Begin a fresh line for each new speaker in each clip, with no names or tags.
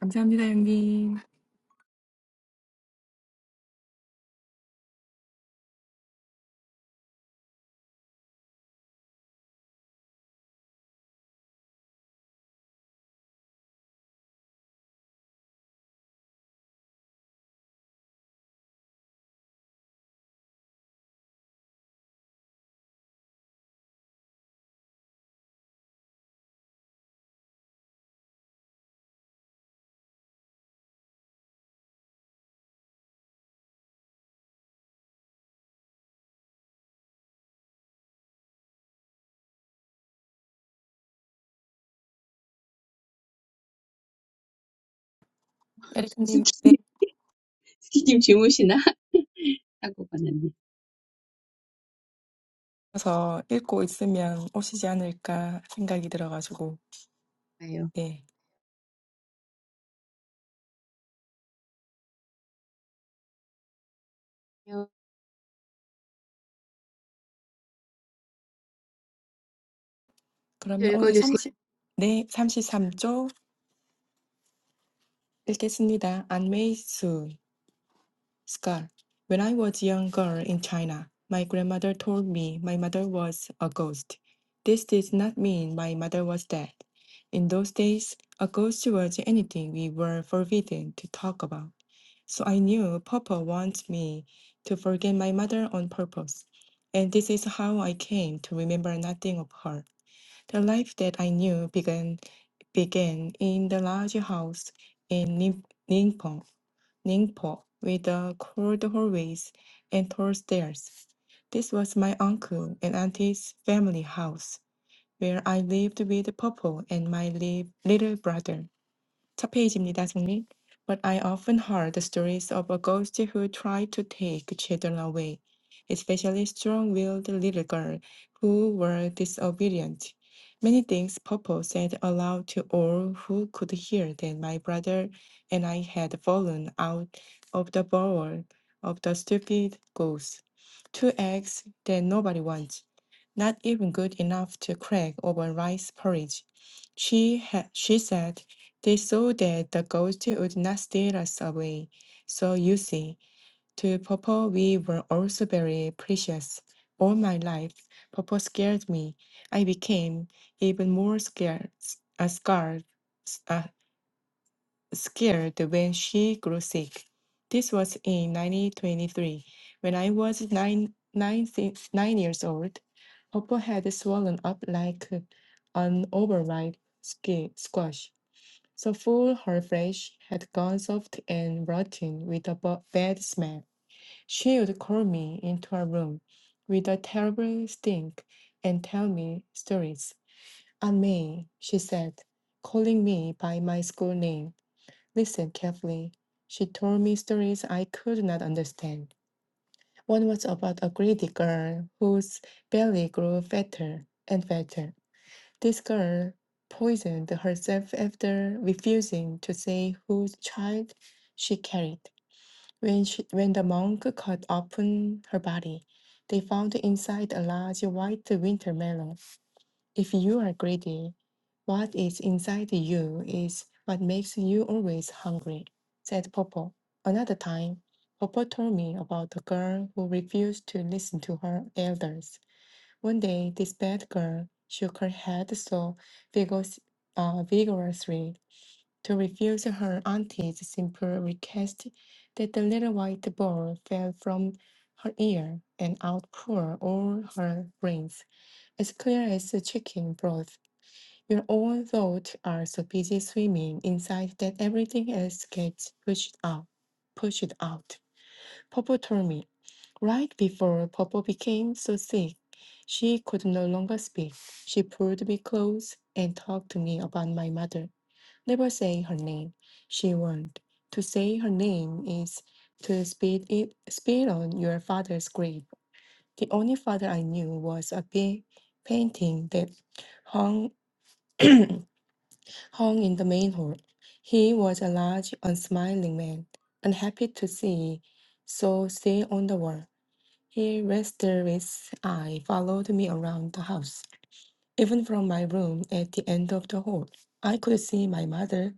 감사합니다, 형님. 에릭님
스키님 주무시나? 하고 가는데.
내려서 읽고 있으면 오시지 않을까 생각이 들어가지고.
봐요.
네. 그러면 오늘
읽어주세요.
삼십 네, 33조 읽겠습니다. 안메이수. Scar. When I was a young girl in China, my grandmother told me my mother was a ghost. This did not mean my mother was dead. In those days, a ghost was anything we were forbidden to talk about. So I knew Papa wants me to forget my mother on purpose. And this is how I came to remember nothing of her. The life that I knew began began in the large house in Nim- Ningpo. Ningpo with the cold hallways and tall stairs. This was my uncle and auntie's family house, where I lived with Popo and my li- little brother. 첫 페이지입니다, 성님. But I often heard the stories of a ghost who tried to take children away, especially strong-willed little girls who were disobedient. Many things Popo said aloud to all who could hear that my brother and I had fallen out of the bowl of the stupid ghost. Two eggs that nobody wants, not even good enough to crack over rice porridge. She had, she said they saw that the ghost would not steal us away. So you see, to Popo we were also very precious. All my life, Popo scared me. I became even more scared, uh, scared, uh, scared when she grew sick. This was in 1923. When I was nine, nine, nine years old, Popo had swollen up like an overripe ski- squash. The full her flesh had gone soft and rotten with a bu- bad smell. She would call me into her room with a terrible stink and tell me stories. Aunt May, she said, calling me by my school name. Listen carefully. She told me stories I could not understand. One was about a greedy girl whose belly grew fatter and fatter. This girl poisoned herself after refusing to say whose child she carried. When, she, when the monk cut open her body, they found inside a large white winter melon. If you are greedy, what is inside you is what makes you always hungry, said Popo. Another time, Popo told me about a girl who refused to listen to her elders. One day, this bad girl shook her head so vigorous, uh, vigorously to refuse her auntie's simple request that the little white ball fell from her ear and out poured all her brains, as clear as chicken broth. Your own thoughts are so busy swimming inside that everything else gets pushed out. Pushed out. Papa told me. Right before Popo became so sick, she could no longer speak. She pulled me close and talked to me about my mother, never saying her name. She warned, to say her name is to spit it spit on your father's grave. The only father I knew was a big painting that hung hung in the main hall. He was a large, unsmiling man, unhappy to see, so still on the wall. He rested his eye, followed me around the house. Even from my room at the end of the hall, I could see my mother,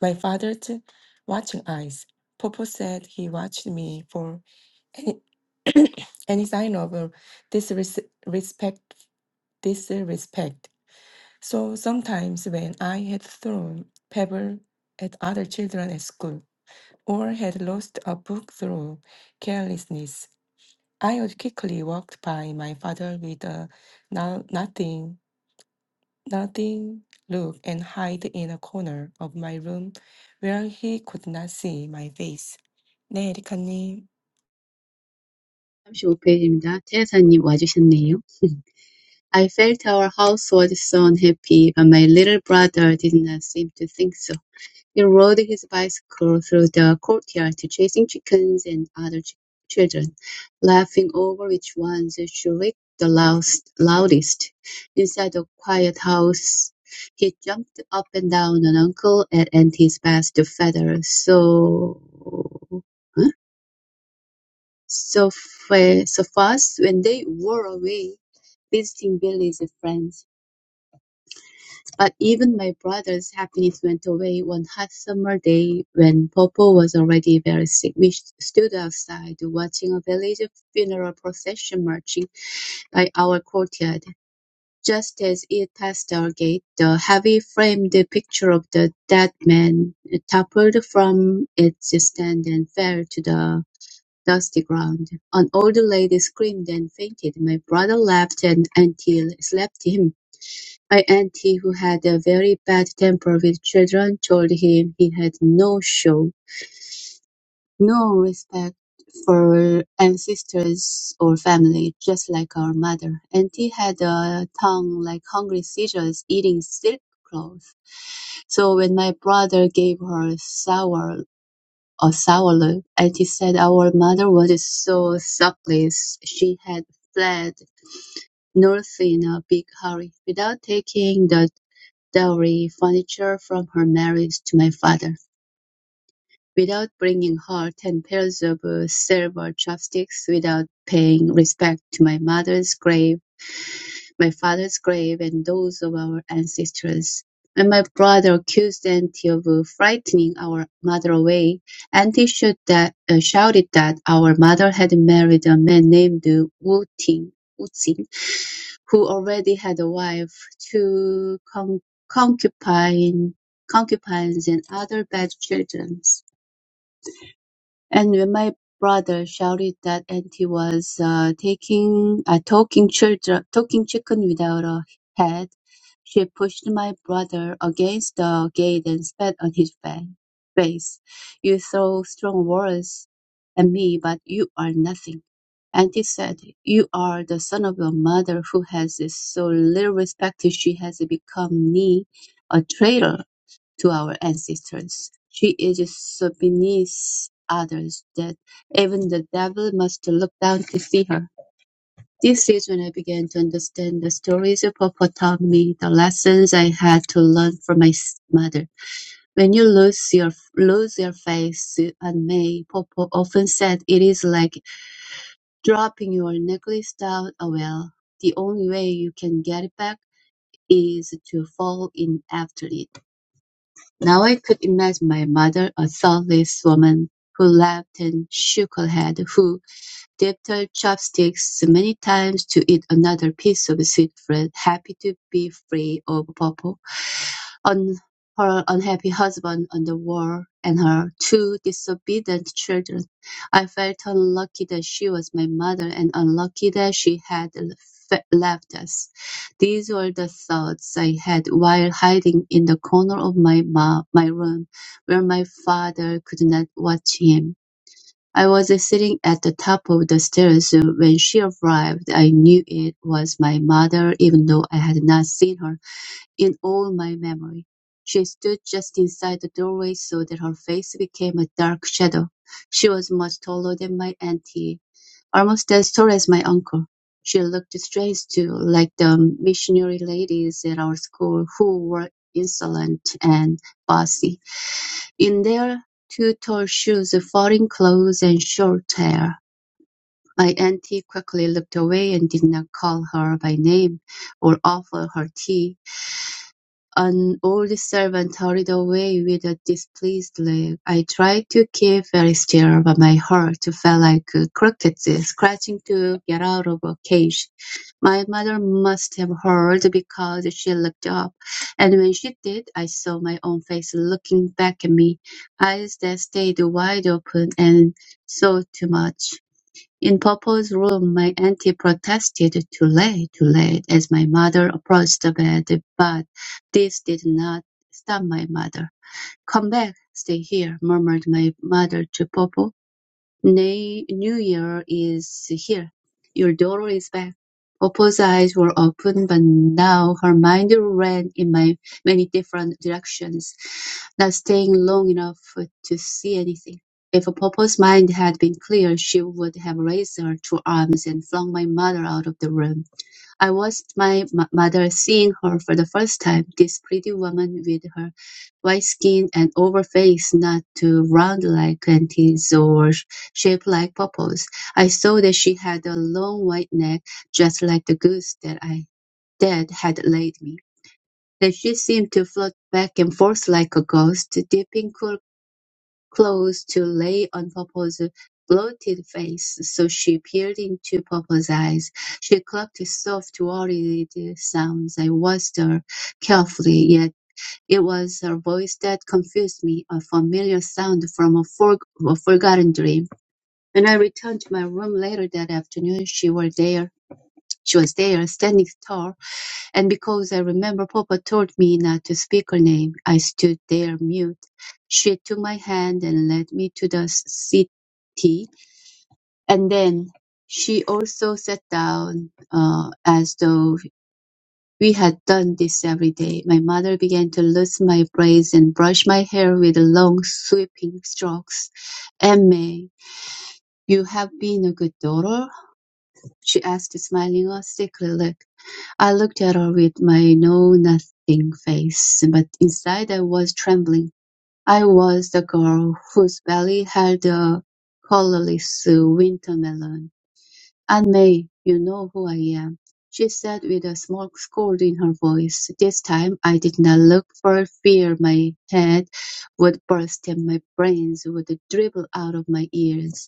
my father's watching eyes. Popo said he watched me for any, any sign of uh, disrespect, disrespect. So sometimes when I had thrown pebble at other children at school, or had lost a book through carelessness, I would quickly walked by my father with a no, nothing, nothing look and hide in a corner of my room where he could not see my face. 네, 에리카님.
35페이지입니다. 테레사님 와주셨네요. I felt our house was so unhappy, but my little brother did not seem to think so. He rode his bicycle through the courtyard, chasing chickens and other ch- children, laughing over which ones shrieked the lous- loudest. Inside the quiet house, he jumped up and down on uncle and Auntie's his best to feather. So, huh? so, fa- so fast when they were away visiting Billy's friends. But even my brother's happiness went away one hot summer day when Popo was already very sick. We stood outside watching a village funeral procession marching by our courtyard. Just as it passed our gate, the heavy framed picture of the dead man toppled from its stand and fell to the dusty ground. An old lady screamed and fainted. My brother laughed and until slapped him. My auntie, who had a very bad temper with children, told him he had no show, no respect for ancestors or family, just like our mother. Auntie had a tongue like hungry seagulls eating silk cloth. So when my brother gave her sour a sour look, auntie said our mother was so supplice she had fled north in a big hurry without taking the dowry furniture from her marriage to my father without bringing her ten pairs of uh, silver chopsticks, without paying respect to my mother's grave, my father's grave, and those of our ancestors. When my brother accused Auntie of uh, frightening our mother away, Auntie shoot that, uh, shouted that our mother had married a man named uh, Wu Ting, Wu Ting, who already had a wife, two con- concubine, concubines, and other bad children. And when my brother shouted that auntie was uh, taking uh, talking children talking chicken without a head, she pushed my brother against the gate and spat on his fa- face. You throw strong words at me, but you are nothing. Auntie said, You are the son of your mother who has so little respect she has become me, a traitor to our ancestors. She is so beneath others that even the devil must look down to see her. This is when I began to understand the stories Papa taught me, the lessons I had to learn from my s- mother. When you lose your lose your face and May, Popo often said it is like dropping your necklace down a well. The only way you can get it back is to fall in after it. Now I could imagine my mother, a thoughtless woman who laughed and shook her head, who dipped her chopsticks many times to eat another piece of sweet bread, happy to be free of Popo on her unhappy husband on the war and her two disobedient children. I felt unlucky that she was my mother and unlucky that she had f- left us. These were the thoughts I had while hiding in the corner of my ma- my room where my father could not watch him. I was sitting at the top of the stairs when she arrived. I knew it was my mother even though I had not seen her in all my memory, she stood just inside the doorway so that her face became a dark shadow. She was much taller than my auntie, almost as tall as my uncle. She looked strange too, like the missionary ladies at our school who were insolent and bossy. In their too tall shoes, foreign clothes, and short hair, my auntie quickly looked away and did not call her by name or offer her tea. An old servant hurried away with a displeased look. I tried to keep very still, but my heart felt like a cricket scratching to get out of a cage. My mother must have heard because she looked up, and when she did, I saw my own face looking back at me, eyes that stayed wide open and saw too much. In papa's room my auntie protested, "Too late, too late," as my mother approached the bed, but this did not stop my mother. "Come back, stay here," murmured my mother to Popo. Nay, New Year is here. Your daughter is back. Opal's eyes were open, but now her mind ran in my many different directions, not staying long enough to see anything. If Opal's mind had been clear, she would have raised her two arms and flung my mother out of the room. I watched my m- mother seeing her for the first time, this pretty woman with her white skin and oval face not too round like plantains or shaped like purples. I saw that she had a long white neck, just like the goose that I that had laid me. That she seemed to float back and forth like a ghost, dipping cool clothes to lay on Popo's bloated face, so she peered into Popo's eyes. She clucked soft, worried sounds. I watched her carefully, yet it was her voice that confused me, a familiar sound from a, for- a forgotten dream. When I returned to my room later that afternoon, she was there she was there, standing tall, and because I remember Papa told me not to speak her name, I stood there mute. She took my hand and led me to the city, and then she also sat down uh, as though we had done this every day. My mother began to loosen my braids and brush my hair with long sweeping strokes. "Aimee, you have been a good daughter?" she asked, smiling a sickly look. I looked at her with my know-nothing face, but inside I was trembling. I was the girl whose belly held a colorless wintermelon. "Aunt May, you know who I am," she said with a small scold in her voice. This time I did not look for fear my head would burst and my brains would dribble out of my ears.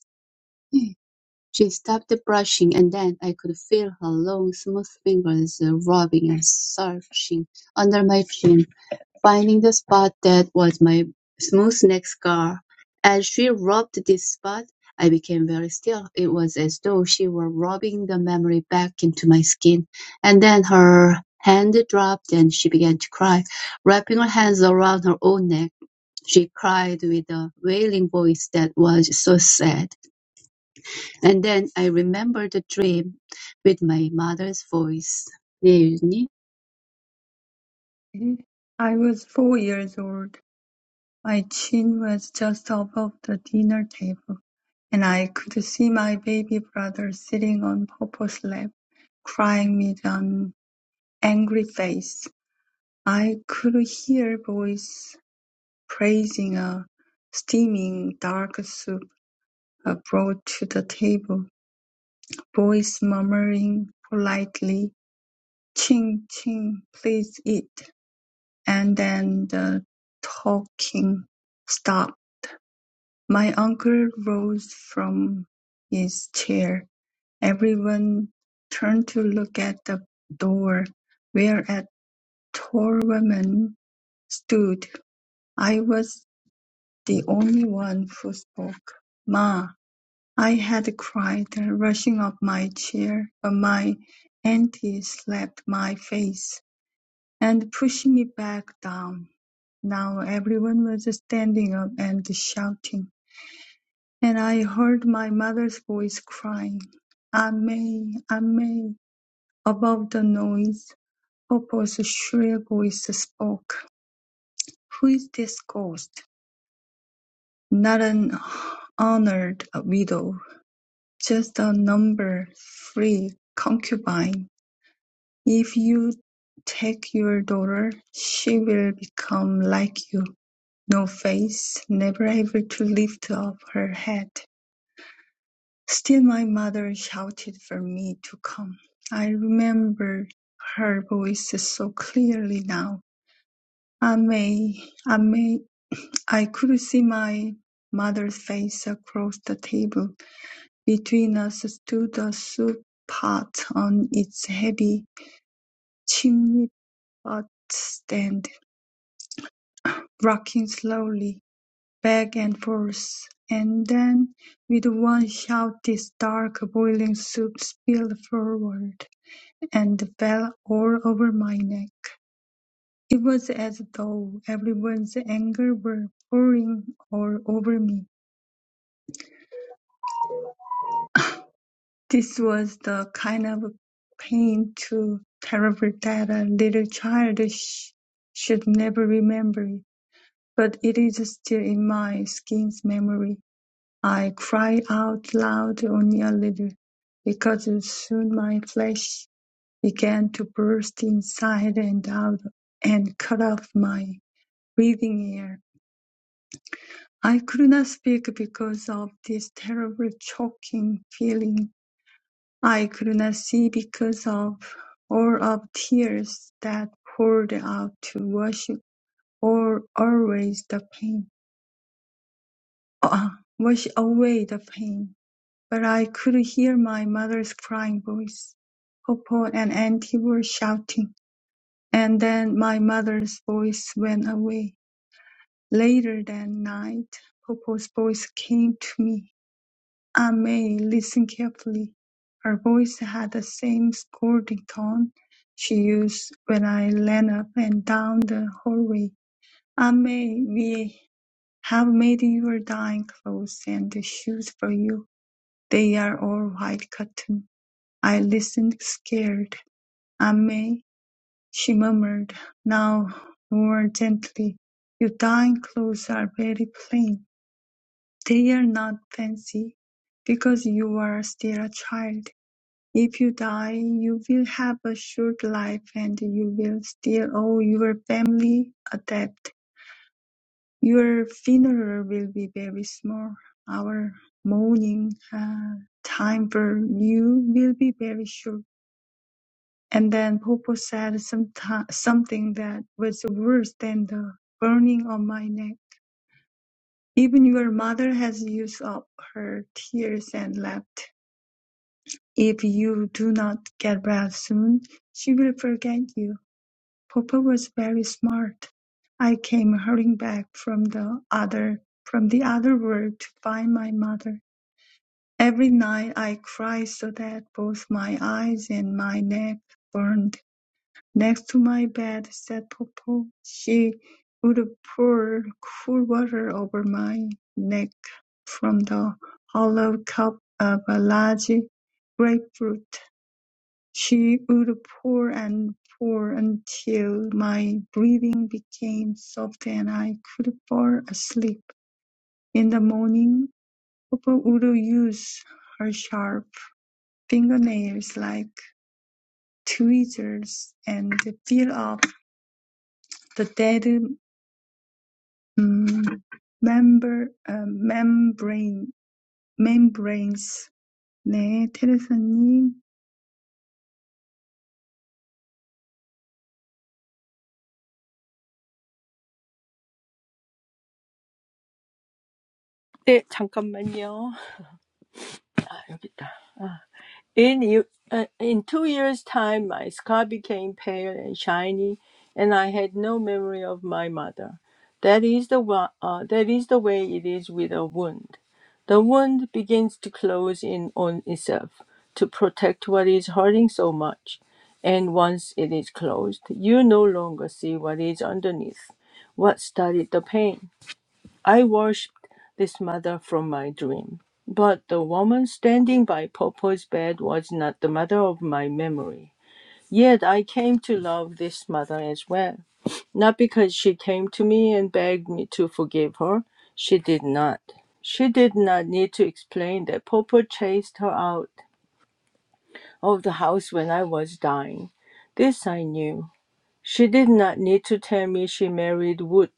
She stopped brushing, and then I could feel her long, smooth fingers rubbing and searching under my chin, finding the spot that was my smooth neck scar. As she rubbed this spot, I became very still. It was as though she were rubbing the memory back into my skin. And then her hand dropped and she began to cry, wrapping her hands around her own neck. She cried with a wailing voice that was so sad. And then I remembered the dream with my mother's voice. 네, 유진이.
I was four years old. My chin was just above the dinner table, and I could see my baby brother sitting on Papa's lap, crying with an angry face. I could hear boys praising a steaming dark soup uh, brought to the table, boys murmuring politely, Ching, ching, please eat, and then the talking stopped. My uncle rose from his chair. Everyone turned to look at the door, where a tall woman stood. I was the only one who spoke. "Ma!" I had cried, rushing up my chair, but my auntie slapped my face and pushed me back down. Now everyone was standing up and shouting. And I heard my mother's voice crying, "Amen, Amen!" Above the noise, Popo's shrill voice spoke. "Who is this ghost? Not an honored widow, just a number three concubine. If you take your daughter, she will become like you. No face, never able to lift up her head. Still my mother shouted for me to come. I remember her voice so clearly now. I may, I may. I could see my mother's face across the table. Between us stood a soup pot on its heavy chimney pot stand, rocking slowly back and forth. And then, with one shout, this dark boiling soup spilled forward. and fell all over my neck. It was as though everyone's anger were pouring all over me. This was the kind of pain too terrible that a little child sh- should never remember. it. But it is still in my skin's memory. I cried out loud only a little, because soon my flesh began to burst inside and out and cut off my breathing air. I could not speak because of this terrible choking feeling. I could not see because of all of tears that poured out to wash or always the pain, uh, wash away the pain. But I could hear my mother's crying voice, Popo and Auntie were shouting, and then my mother's voice went away. Later that night, Popo's voice came to me Aimee listened carefully. Her voice had the same scolding tone she used when I ran up and down the hallway. "Aimee, we have made your dyeing clothes and shoes for you. They are all white cotton." I listened, scared. "Aimee," she murmured, now more gently, "your dyeing clothes are very plain. They are not fancy, because you are still a child. If you die, you will have a short life and you will still owe your family a debt. Your funeral will be very small. Our mourning uh, time for you will be very short. And then Popo said some something that was worse than the burning on my neck. Even your mother has used up her tears and left. If you do not get well soon, she will forget you. Papa was very smart. I came hurrying back from the other from the other world to find my mother. Every night I cried so that both my eyes and my neck burned. Next to my bed sat Popo. She would pour cool water over my neck from the hollow cup of a large grapefruit. She would pour and pour until my breathing became soft and I could fall asleep. In the morning, Papa would use her sharp fingernails like tweezers and peel off the dead mm, member, uh, membrane, membranes. 네, 테레사님.
네, 잠깐만요. 아, 여기 있다. In, you- uh, in two years' time, my scar became pale and shiny, and I had no memory of my mother. That is the wa- uh, that is the way it is with a wound. The wound begins to close in on itself to protect what is hurting so much, and once it is closed, you no longer see what is underneath, what started the pain. I worshipped this mother from my dream. But the woman standing by Popo's bed was not the mother of my memory. Yet I came to love this mother as well. Not because she came to me and begged me to forgive her. She did not. She did not need to explain that Popo chased her out of the house when I was dying. This I knew. She did not need to tell me she married Wood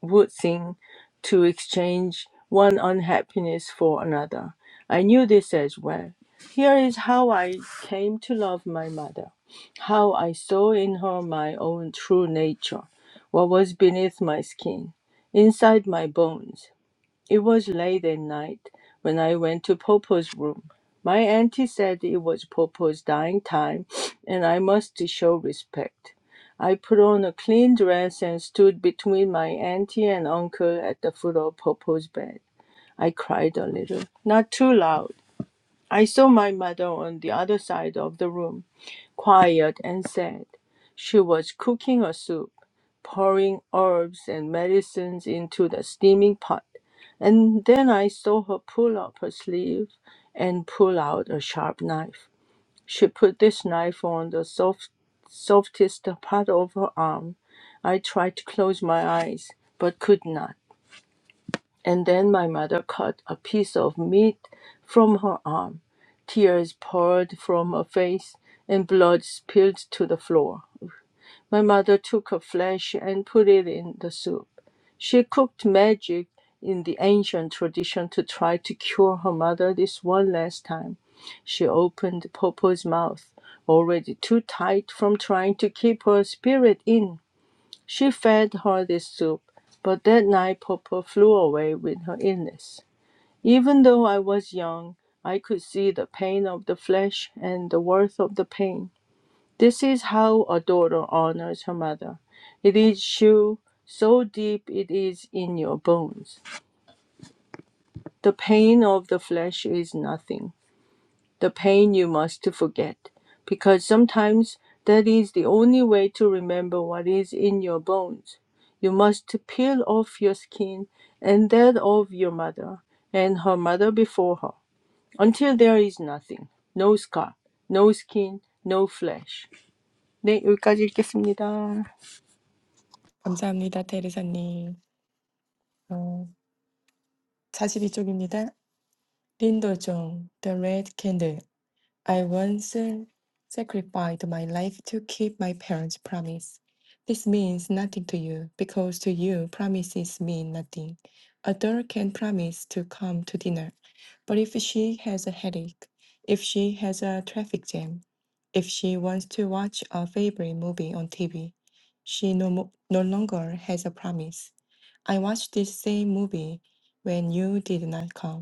would think to exchange one unhappiness for another. I knew this as well. Here is how I came to love my mother, how I saw in her my own true nature, what was beneath my skin, inside my bones. It was late that night when I went to Popo's room. My auntie said it was Popo's dying time, and I must show respect. I put on a clean dress and stood between my auntie and uncle at the foot of Popo's bed. I cried a little, not too loud. I saw my mother on the other side of the room, quiet and sad. She was cooking a soup, pouring herbs and medicines into the steaming pot. And then I saw her pull up her sleeve and pull out a sharp knife. She put this knife on the soft, softest part of her arm. I tried to close my eyes, but could not. And then my mother cut a piece of meat from her arm. Tears poured from her face and blood spilled to the floor. My mother took her flesh and put it in the soup. She cooked magic in the ancient tradition to try to cure her mother this one last time. She opened Popo's mouth, already too tight from trying to keep her spirit in she fed her this soup, but that night Popo flew away with her illness. Even though I was young, I could see the pain of the flesh and the worth of the pain. This is how a daughter honors her mother. It is true, so deep it is in your bones. The pain of the flesh is nothing the pain you must forget, because sometimes that is the only way to remember what is in your bones. You must peel off your skin and that of your mother and her mother before her, until there is nothing, no scar, no skin, no flesh. 네, 여기까지 읽겠습니다.
감사합니다, 테레사님. 어, 42쪽입니다. 린도종, The Red Candle. I once uh, sacrificed my life to keep my parents' promise. This means nothing to you, because to you, promises mean nothing. A girl can promise to come to dinner, but if she has a headache, if she has a traffic jam, if she wants to watch a favorite movie on TV, she no, mo- no longer has a promise. I watched this same movie when you did not come.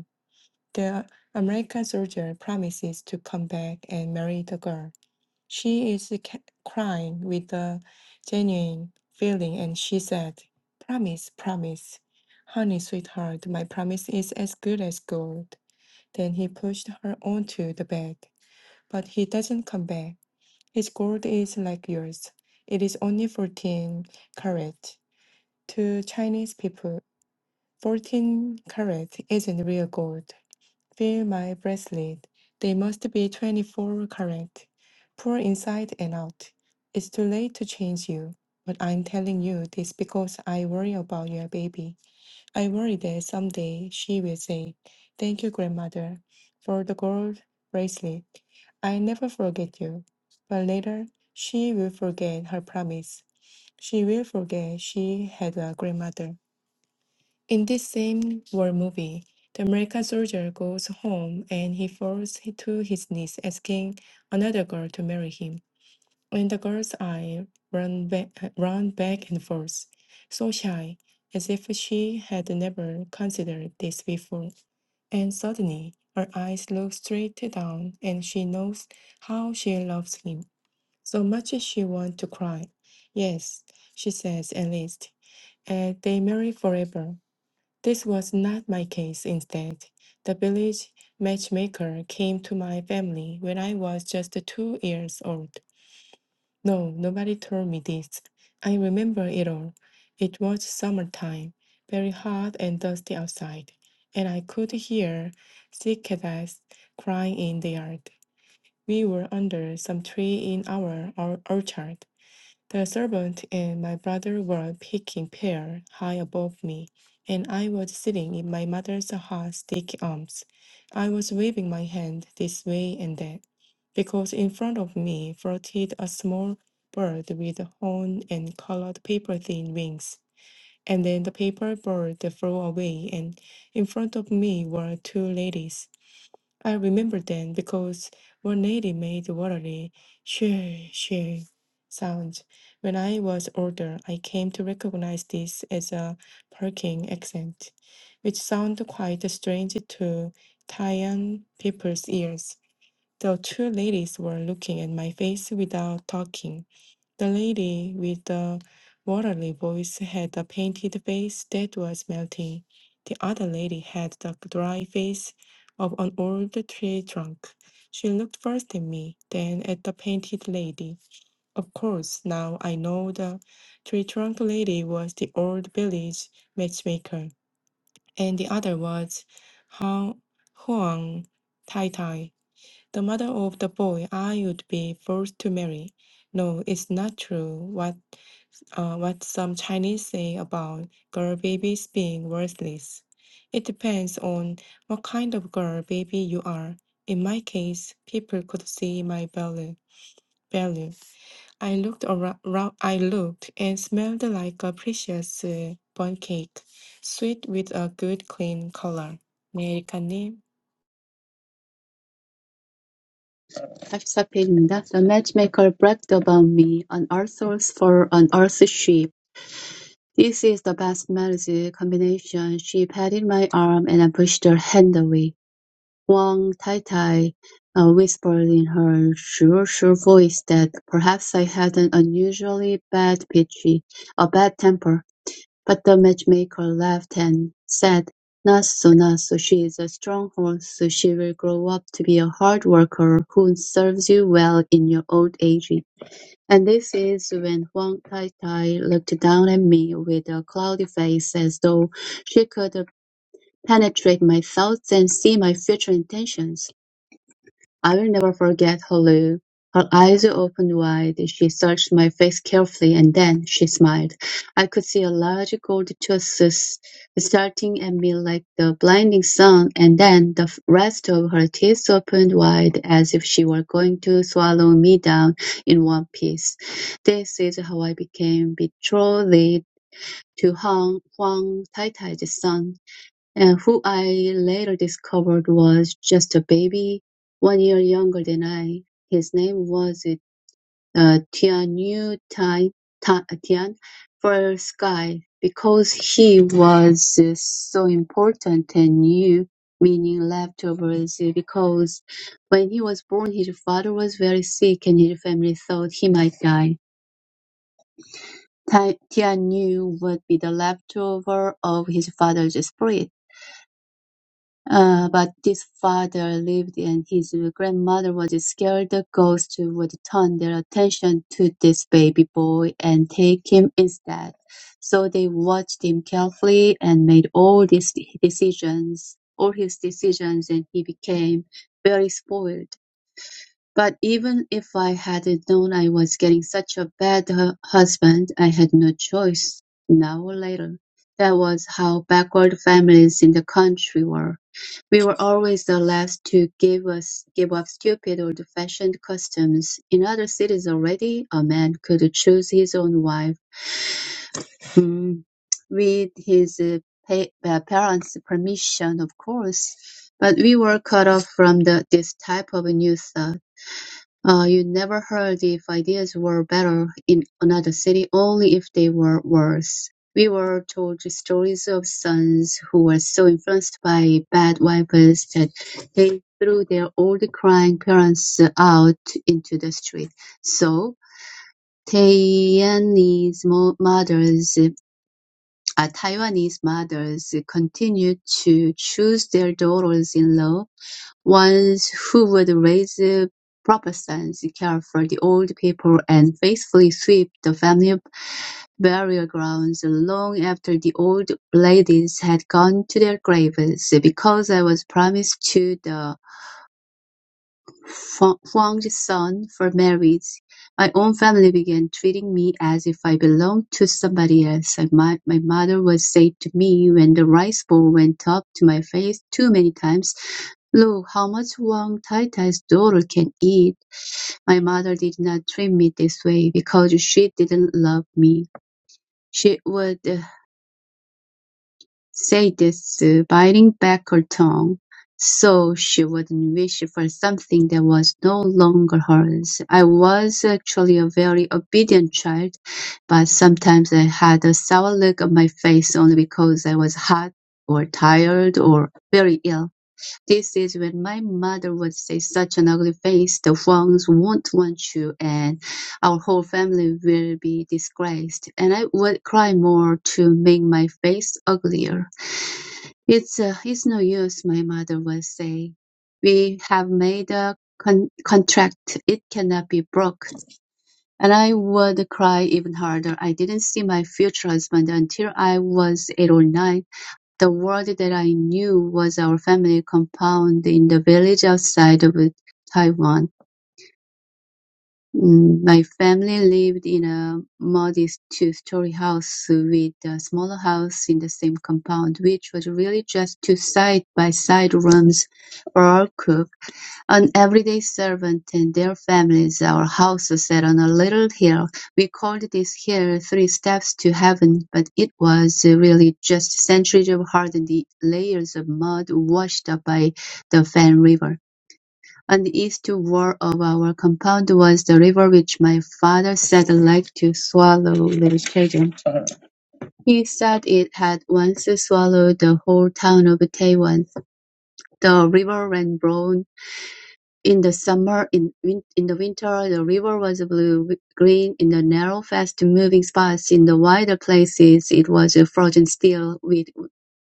The American soldier promises to come back and marry the girl. She is ca- crying with a genuine feeling, and she said, Promise, promise. Honey, sweetheart, my promise is as good as gold. Then he pushed her onto the bed. But he doesn't come back. His gold is like yours. It is only 14 carat. To Chinese people, 14 carat isn't real gold. Feel my bracelet. They must be 24 carat. Pour inside and out. It's too late to change you. But I'm telling you this because I worry about your baby. I worry that someday she will say, Thank you, grandmother, for the gold bracelet. I never forget you. But later, she will forget her promise. She will forget she had a grandmother. In this same war movie, the American soldier goes home and he falls to his knees asking another girl to marry him. And the girl's eye run, ba- run back and forth, so shy, as if she had never considered this before. And suddenly, her eyes look straight down, and she knows how she loves him. So much she wants to cry. Yes, she says, at least, and they marry forever. This was not my case instead. The village matchmaker came to my family when I was just two years old. No, nobody told me this. I remember it all. It was summertime, very hot and dusty outside, and I could hear cicadas crying in the yard. We were under some tree in our, our orchard. The servant and my brother were picking pear high above me, and I was sitting in my mother's hot sticky arms. I was waving my hand this way and that, because in front of me floated a small bird with a horn and colored paper thin wings. And then the paper bird flew away, and in front of me were two ladies. I remember then because one lady made watery shoo shoo sound. When I was older, I came to recognize this as a Peking accent, which sounded quite strange to Taiwan people's ears. The two ladies were looking at my face without talking. The lady with the watery voice had a painted face that was melting. The other lady had the dry face of an old tree trunk. She looked first at me, then at the painted lady. Of course, now I know the tree trunk lady was the old village matchmaker, and the other was Hua- Huang Tai Tai, the mother of the boy I would be forced to marry. No, it's not true. What uh, what some Chinese say about girl babies being worthless. It depends on what kind of girl baby you are. In my case, people could see my value. Value. I looked around. I looked and smelled like a precious uh, bun cake, sweet with a good clean color. 네, 에리카님.
44페이지입니다. The matchmaker bragged about me, an Arthur's for an earth sheep. This is the best marriage combination. She patted my arm and I pushed her hand away. Wang Tai Tai uh, whispered in her sure, sure voice that perhaps I had an unusually bad pitchy, a bad temper. But the matchmaker laughed and said, natsu she is a strong horse. so She will grow up to be a hard worker who serves you well in your old age." And this is when Huang Taitai looked down at me with a cloudy face, as though she could penetrate my thoughts and see my future intentions. I will never forget her look. Her eyes opened wide. She searched my face carefully and then she smiled. I could see a large gold tooth starting at me like the blinding sun, and then the rest of her teeth opened wide as if she were going to swallow me down in one piece. This is how I became betrothed to Huang, Huang Taitai's son and who I later discovered was just a baby, one year younger than I. His name was uh, Tianyu Tai, Ta, Tian for sky because he was uh, so important and new, meaning leftovers, because when he was born, his father was very sick and his family thought he might die. Tai- Tianyu would be the leftover of his father's spirit Uh, but this father lived and his grandmother was scared the ghost would turn their attention to this baby boy and take him instead. So they watched him carefully and made all these decisions, all his decisions, and he became very spoiled. But even if I had known I was getting such a bad hu- husband, I had no choice, now or later. That was how backward families in the country were. We were always the last to give us give up stupid old-fashioned customs. In other cities already, a man could choose his own wife, mm, with his uh, pa- uh, parents' permission, of course. But we were cut off from the, this type of new thought. Uh, you never heard if ideas were better in another city, only if they were worse. We were told stories of sons who were so influenced by bad wives that they threw their old crying parents out into the street. So, Taiwanese mo- mothers, uh, Taiwanese mothers continued to choose their daughters-in-law Ones who would raise proper sons, care for the old people, and faithfully sweep the family burial grounds long after the old ladies had gone to their graves, because I was promised to the Fu- Huang's son for marriage, my own family began treating me as if I belonged to somebody else. I, my, my mother would say to me when the rice bowl went up to my face too many times, Look how much Wang Tai Tai's daughter can eat. My mother did not treat me this way because she didn't love me. She would uh, Sadie, biting back her tongue, so she wouldn't wish for something that was no longer hers. I was actually a very obedient child, but sometimes I had a sour look on my face only because I was hot or tired or very ill. This is when my mother would say, such an ugly face, the Huangs won't want you and our whole family will be disgraced, and I would cry more to make my face uglier. It's, uh, it's no use, my mother would say. We have made a con- contract. It cannot be broke. And I would cry even harder. I didn't see my future husband until I was eight or nine. The world that I knew was our family compound in the village outside of Taiwan. Mm, My family lived in a modest two-story house with a smaller house in the same compound, which was really just two side-by-side rooms for our cook, an everyday servant, and their families. Our house was set on a little hill. We called this hill Three Steps to Heaven, but it was really just centuries of hardened layers of mud washed up by the Fan River. On the eastern wall of our compound was the river which my father said liked to swallow little children. He said it had once swallowed the whole town of Taiwan. The river ran brown in the summer. In, win- in the winter, the river was blue-green in the narrow, fast-moving spots. In the wider places, it was frozen still, with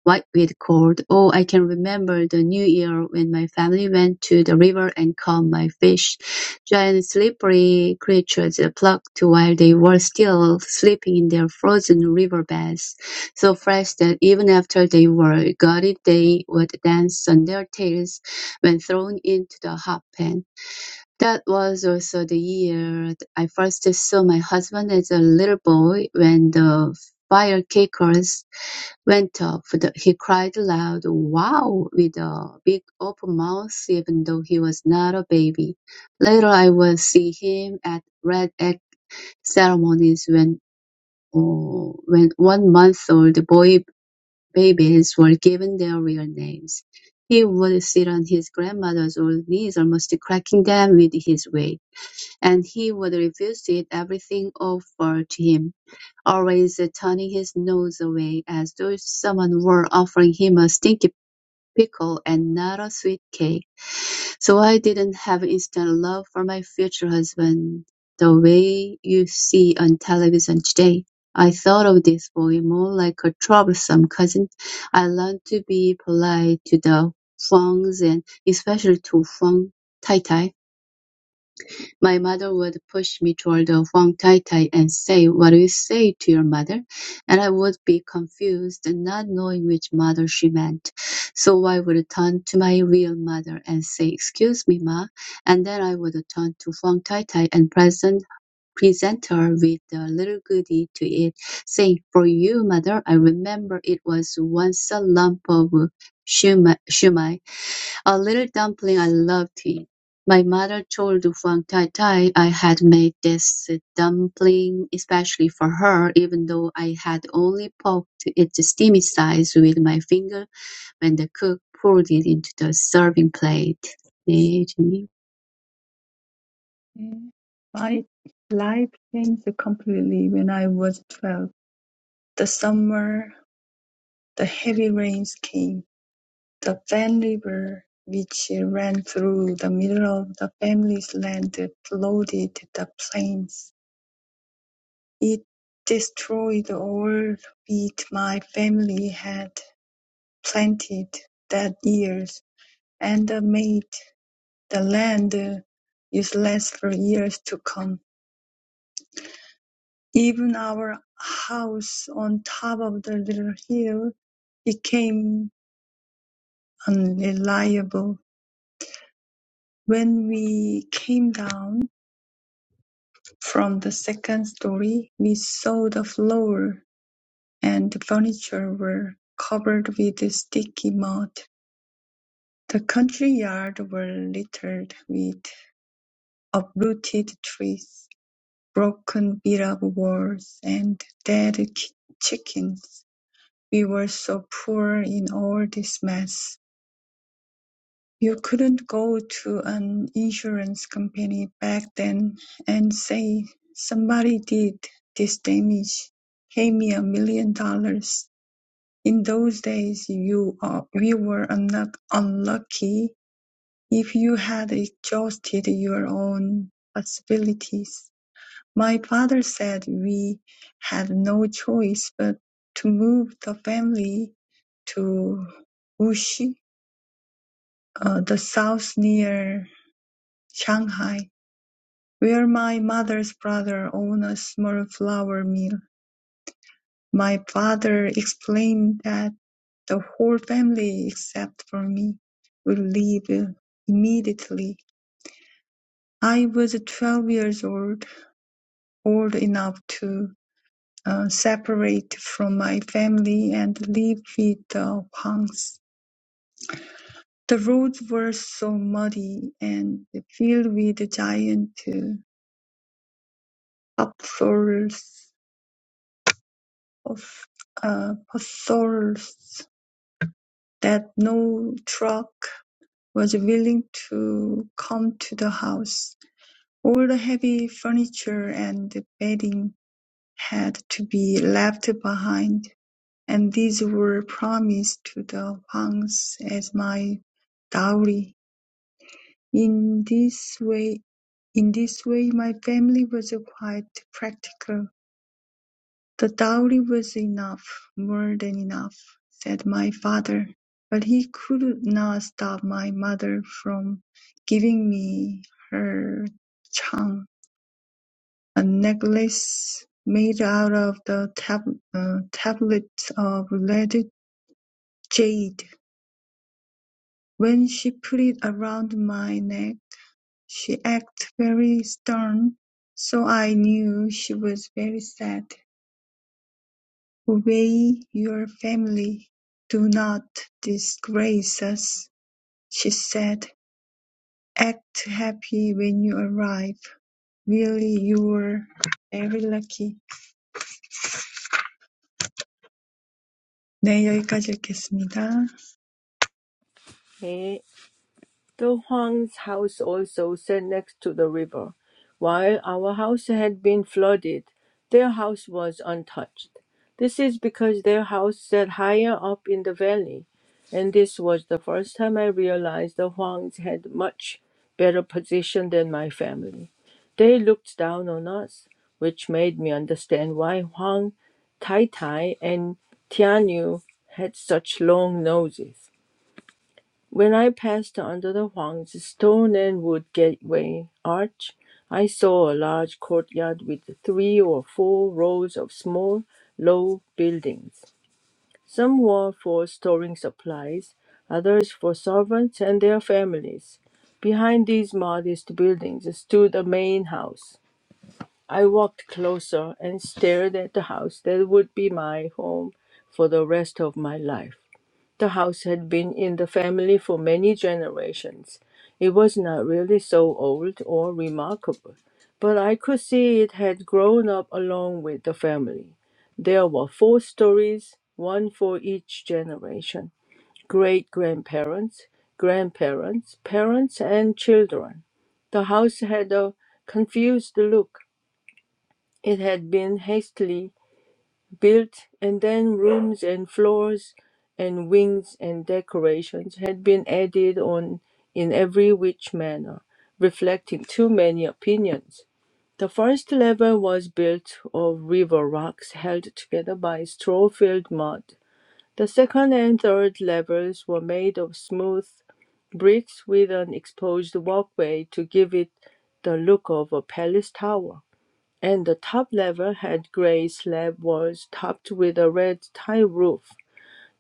Whiteweed called, "Oh, I can remember the New Year when my family went to the river and caught my fish. Giant slippery creatures plucked while they were still sleeping in their frozen river beds, so fresh that even after they were gutted they would dance on their tails when thrown into the hot pan. That was also the year I first saw my husband as a little boy when the fire kickers Went topped, he cried loud "Wow" with a big open mouth even though he was not a baby. Later I would see him at red egg ceremonies when, uh, when one-month-old boy babies were given their real names. He would sit on his grandmother's old knees, almost cracking them with his weight, and he would refuse to eat everything offered to him always turning his nose away as though someone were offering him a stinky pickle and not a sweet cake. So I didn't have instant love for my future husband the way you see on television today. I thought of this boy more like a troublesome cousin. I learned to be polite to the Huangs and especially to Huang Tai Tai. My mother would push me toward the Huang Tai Tai and say, What do you say to your mother? And I would be confused, not knowing which mother she meant. So I would turn to my real mother and say, Excuse me, ma. And then I would turn to Huang Tai Tai and present presenter with a little goody to eat, saying, For you, mother, I remember it was once a lump of shumai, shumai, a little dumpling I loved to eat. My mother told Huang Tai Tai I had made this dumpling especially for her, even though I had only poked its steamy sides with my finger when the cook poured it into the serving plate. 네, 주님.
네. My life changed completely when I was 12. The summer, the heavy rains came. The Van River, which ran through the middle of the family's land, flooded the plains. It destroyed all wheat my family had planted that year, and made the land useless for years to come. Even our house on top of the little hill became unreliable. When we came down from the second story, we saw the floor and the furniture were covered with sticky mud. The country yard were littered with uprooted trees, broken beat-up walls, and dead chi- chickens. We were so poor in all this mess. You couldn't go to an insurance company back then and say somebody did this damage. Pay me a million dollars.' In those days, you are- we were not unlucky if you had exhausted your own possibilities. My father said we had no choice but to move the family to Wuxi, uh, the south near Shanghai, where my mother's brother owned a small flour mill. My father explained that the whole family, except for me, would leave immediately. I was 12 years old, old enough to uh, separate from my family and live with the Huangs. The roads were so muddy and filled with giant uh, potholes of uh, Pottholes that no truck was willing to come to the house. All the heavy furniture and bedding had to be left behind, and these were promised to the Huangs as my dowry. In this way, in this way, my family was quite practical The dowry was enough, more than enough, said my father, but he could not stop my mother from giving me her charm, a necklace made out of the tab- uh, tablet of red jade. When she put it around my neck, she acted very stern, so I knew she was very sad. "Obey your family, do not disgrace us," she said. "Act happy when you arrive. Really you are very lucky." 네, 여기까지 읽겠습니다.
네. The Huang's house also sat next to the river. While our house had been flooded, their house was untouched. This is because their house sat higher up in the valley, and this was the first time I realized the Huangs had much better position than my family. They looked down on us, which made me understand why Huang, Tai Tai, and Tianyu had such long noses. When I passed under the Huang's stone and wood gateway arch, I saw a large courtyard with three or four rows of small, low buildings. Some were for storing supplies, others for servants and their families. Behind these modest buildings stood a main house. I walked closer and stared at the house that would be my home for the rest of my life. The house had been in the family for many generations. It was not really so old or remarkable, but I could see it had grown up along with the family. There were four stories, one for each generation great grandparents, grandparents, parents, and children. The house had a confused look it had been hastily built, and then rooms and floors and wings and decorations had been added on in every which manner, reflecting too many opinions. The first level was built of river rocks held together by straw filled mud. The second and third levels were made of smooth bricks with an exposed walkway to give it the look of a palace tower and the top level had gray slab walls topped with a red tile roof.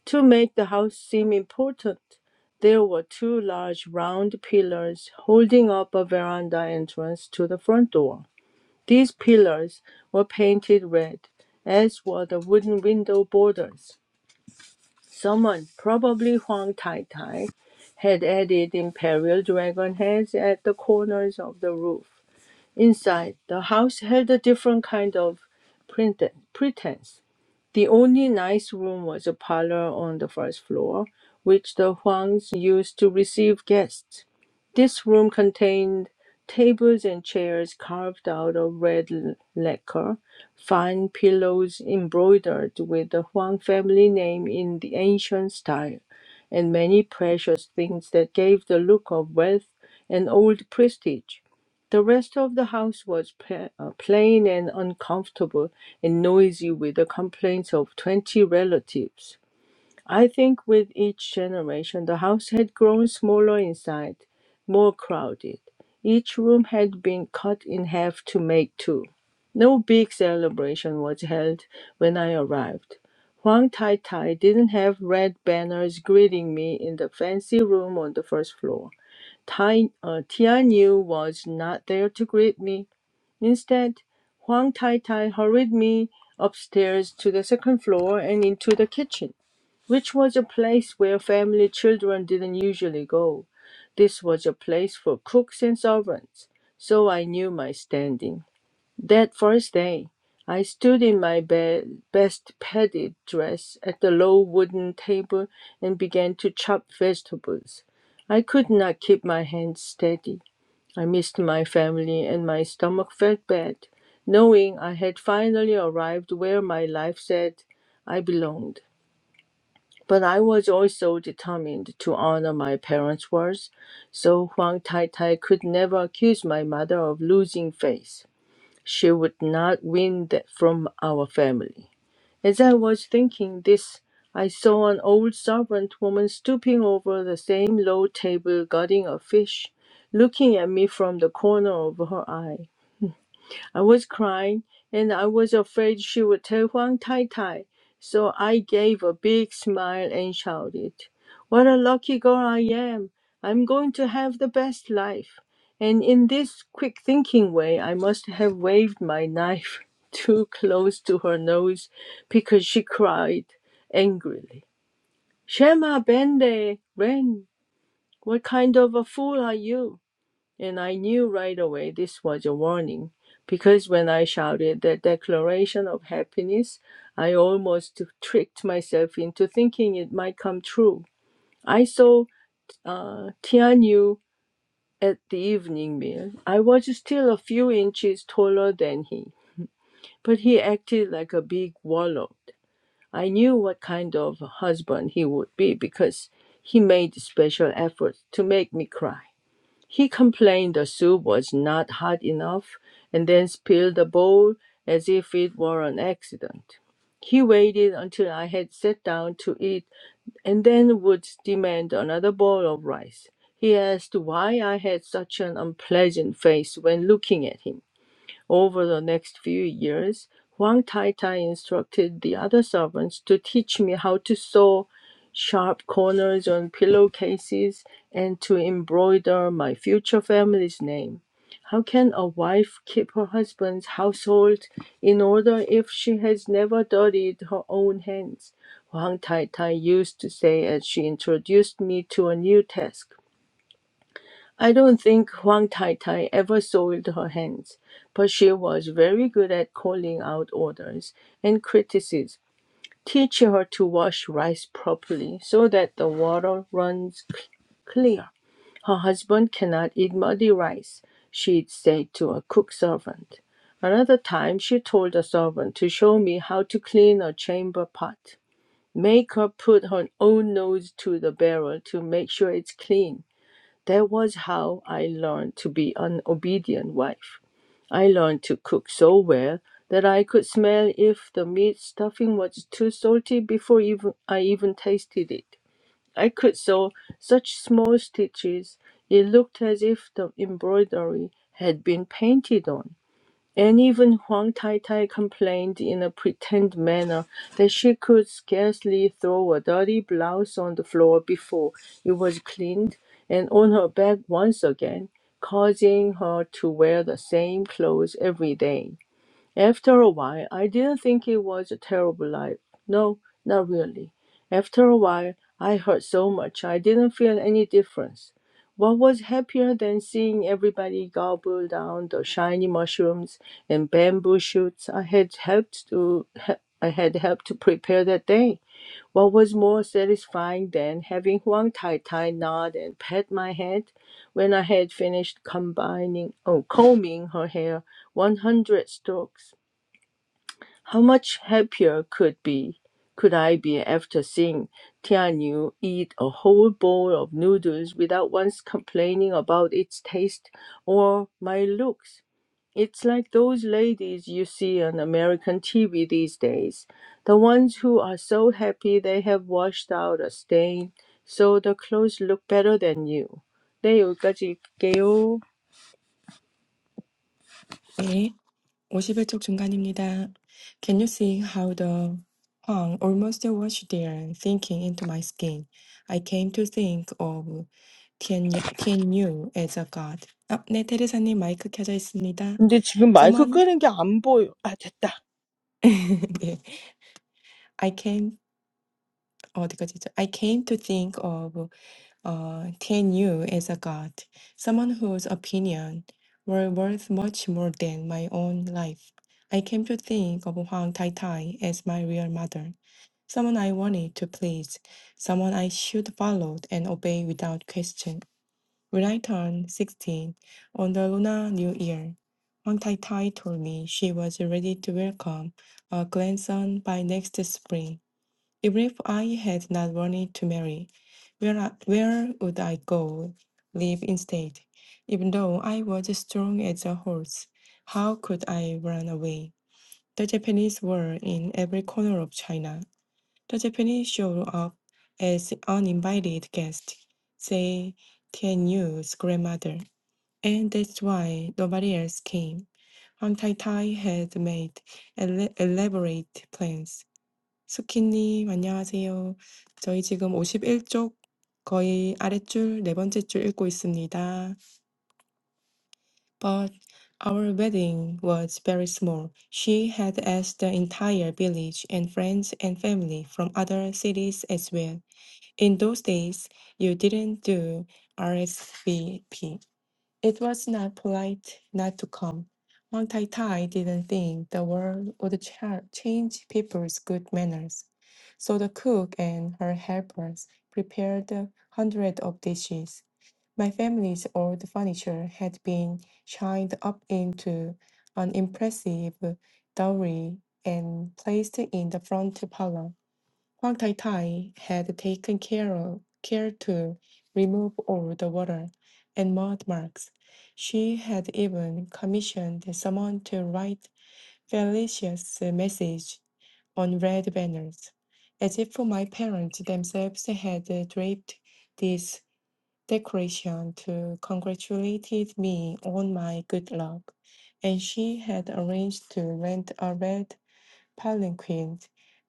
To make the house seem important, there were two large round pillars holding up a veranda entrance to the front door. These pillars were painted red, as were the wooden window borders. Someone, probably Huang Tai Tai, had added imperial dragon heads at the corners of the roof. Inside, the house had a different kind of prete- pretense. The only nice room was a parlor on the first floor, which the Huangs used to receive guests. This room contained tables and chairs carved out of red l- lacquer, fine pillows embroidered with the Huang family name in the ancient style, and many precious things that gave the look of wealth and old prestige. The rest of the house was pla- uh, plain and uncomfortable and noisy with the complaints of twenty relatives. I think with each generation, the house had grown smaller inside, more crowded. Each room had been cut in half to make two. No big celebration was held when I arrived. Huang Tai Tai didn't have red banners greeting me in the fancy room on the first floor. Tai, uh, Tianyu was not there to greet me. Instead, Huang Taitai hurried me upstairs to the second floor and into the kitchen, which was a place where family children didn't usually go. This was a place for cooks and servants, so I knew my standing. That first day, I stood in my be- best padded dress at the low wooden table and began to chop vegetables. I could not keep my hands steady. I missed my family and my stomach felt bad, knowing I had finally arrived where my life said I belonged. But I was also determined to honor my parents' words, so Huang Tai Tai could never accuse my mother of losing faith. She would not win that from our family. As I was thinking this, I saw an old servant woman stooping over the same low table, guarding a fish, looking at me from the corner of her eye. I was crying and I was afraid she would tell Huang Tai Tai, so I gave a big smile and shouted, What a lucky girl I am! I'm going to have the best life. And in this quick thinking way, I must have waved my knife too close to her nose because she cried angrily, Shema Bende, Ren, what kind of a fool are you? And I knew right away this was a warning, because when I shouted the declaration of happiness, I almost tricked myself into thinking it might come true. I saw uh, Tianyu at the evening meal. I was still a few inches taller than he, but he acted like a big warlord. I knew what kind of husband he would be because he made special efforts to make me cry. He complained the soup was not hot enough and then spilled the bowl as if it were an accident. He waited until I had sat down to eat and then would demand another bowl of rice. He asked why I had such an unpleasant face when looking at him. Over the next few years, Huang Taitai instructed the other servants to teach me how to sew sharp corners on pillowcases and to embroider my future family's name. How can a wife keep her husband's household in order if she has never dirtied her own hands? Huang Tai used to say as she introduced me to a new task. I don't think Huang Tai ever soiled her hands, but she was very good at calling out orders and criticism. Teach her to wash rice properly so that the water runs clear. Her husband cannot eat muddy rice, she'd say to a cook servant. Another time she told a servant to show me how to clean a chamber pot. Make her put her own nose to the barrel to make sure it's clean. That was how I learned to be an obedient wife. I learned to cook so well that I could smell if the meat stuffing was too salty before even I even tasted it. I could sew such small stitches it looked as if the embroidery had been painted on. And even Huang Tai complained in a pretend manner that she could scarcely throw a dirty blouse on the floor before it was cleaned and on her back once again, causing her to wear the same clothes every day. After a while, I didn't think it was a terrible life. No, not really. After a while, I heard so much, I didn't feel any difference. What was happier than seeing everybody gobble down the shiny mushrooms and bamboo shoots I had helped to he- I had helped to prepare that day? What was more satisfying than having Huang Tai Tai nod and pat my head when I had finished combining, oh, combing her hair 100 strokes? How much happier could be could I be after seeing Tianyu eat a whole bowl of noodles without once complaining about its taste or my looks? It's like those ladies you see on American TV these days, the ones who are so happy they have washed out a stain, so the clothes look better than you. 네, 여기까지 읽게요.
네. 51쪽 중간입니다. Can you see how the Huang almost washed there, thinking into my skin? I came to think of Tian Tian Yu as a god. 아, 네, 테레사님 마이크 켜져 있습니다.
근데 지금 마이크
Someone,
끄는 게 안 보여. 아, 됐다.
네. I came 어디까지죠? I came to think of uh, Tianyu is a god, someone whose opinion were worth much more than my own life. I came to think of Huang Tai Tai as my real mother, someone I wanted to please, someone I should follow and obey without question. When I turned 16 on the Lunar New Year, Huang Tai Tai told me she was ready to welcome a grandson by next spring. Even if I had not wanted to marry, where, I- where would I go? Live instead. Even though I was strong as a horse, how could I run away? The Japanese were in every corner of China. The Japanese showed up as uninvited guests, say Tianyu's grandmother, and that's why nobody else came. Huang Tai Tai had made ele- elaborate plans 스키님, 안녕하세요. 저희 지금 오십일 쪽 거의 아랫줄 네 번째 줄 읽고 있습니다. But our wedding was very small. She had asked the entire village and friends and family from other cities as well. In those days, you didn't do RSVP. It was not polite not to come. Wang Tai Tai didn't think the world would cha- change people's good manners, so the cook and her helpers prepared hundreds of dishes. My family's old furniture had been shined up into an impressive dowry and placed in the front parlor. Huang Tai Tai had taken care, of, care to remove all the water and mud marks. She had even commissioned someone to write Felicia's message on red banners, as if my parents themselves had draped this decoration to congratulate me on my good luck. And she had arranged to rent a red palanquin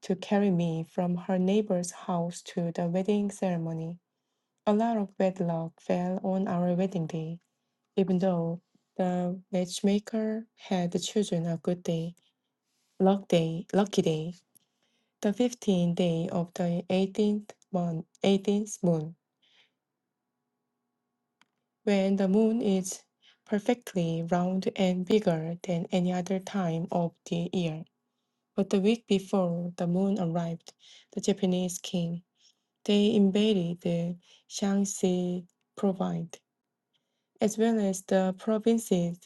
to carry me from her neighbor's house to the wedding ceremony. A lot of wedlock fell on our wedding day, even though the matchmaker had chosen a good day, luck day, lucky day, the 15th day of the 18th month, 18th moon, when the moon is perfectly round and bigger than any other time of the year. But the week before the moon arrived, the Japanese king They invaded the Shaanxi province, as well as the provinces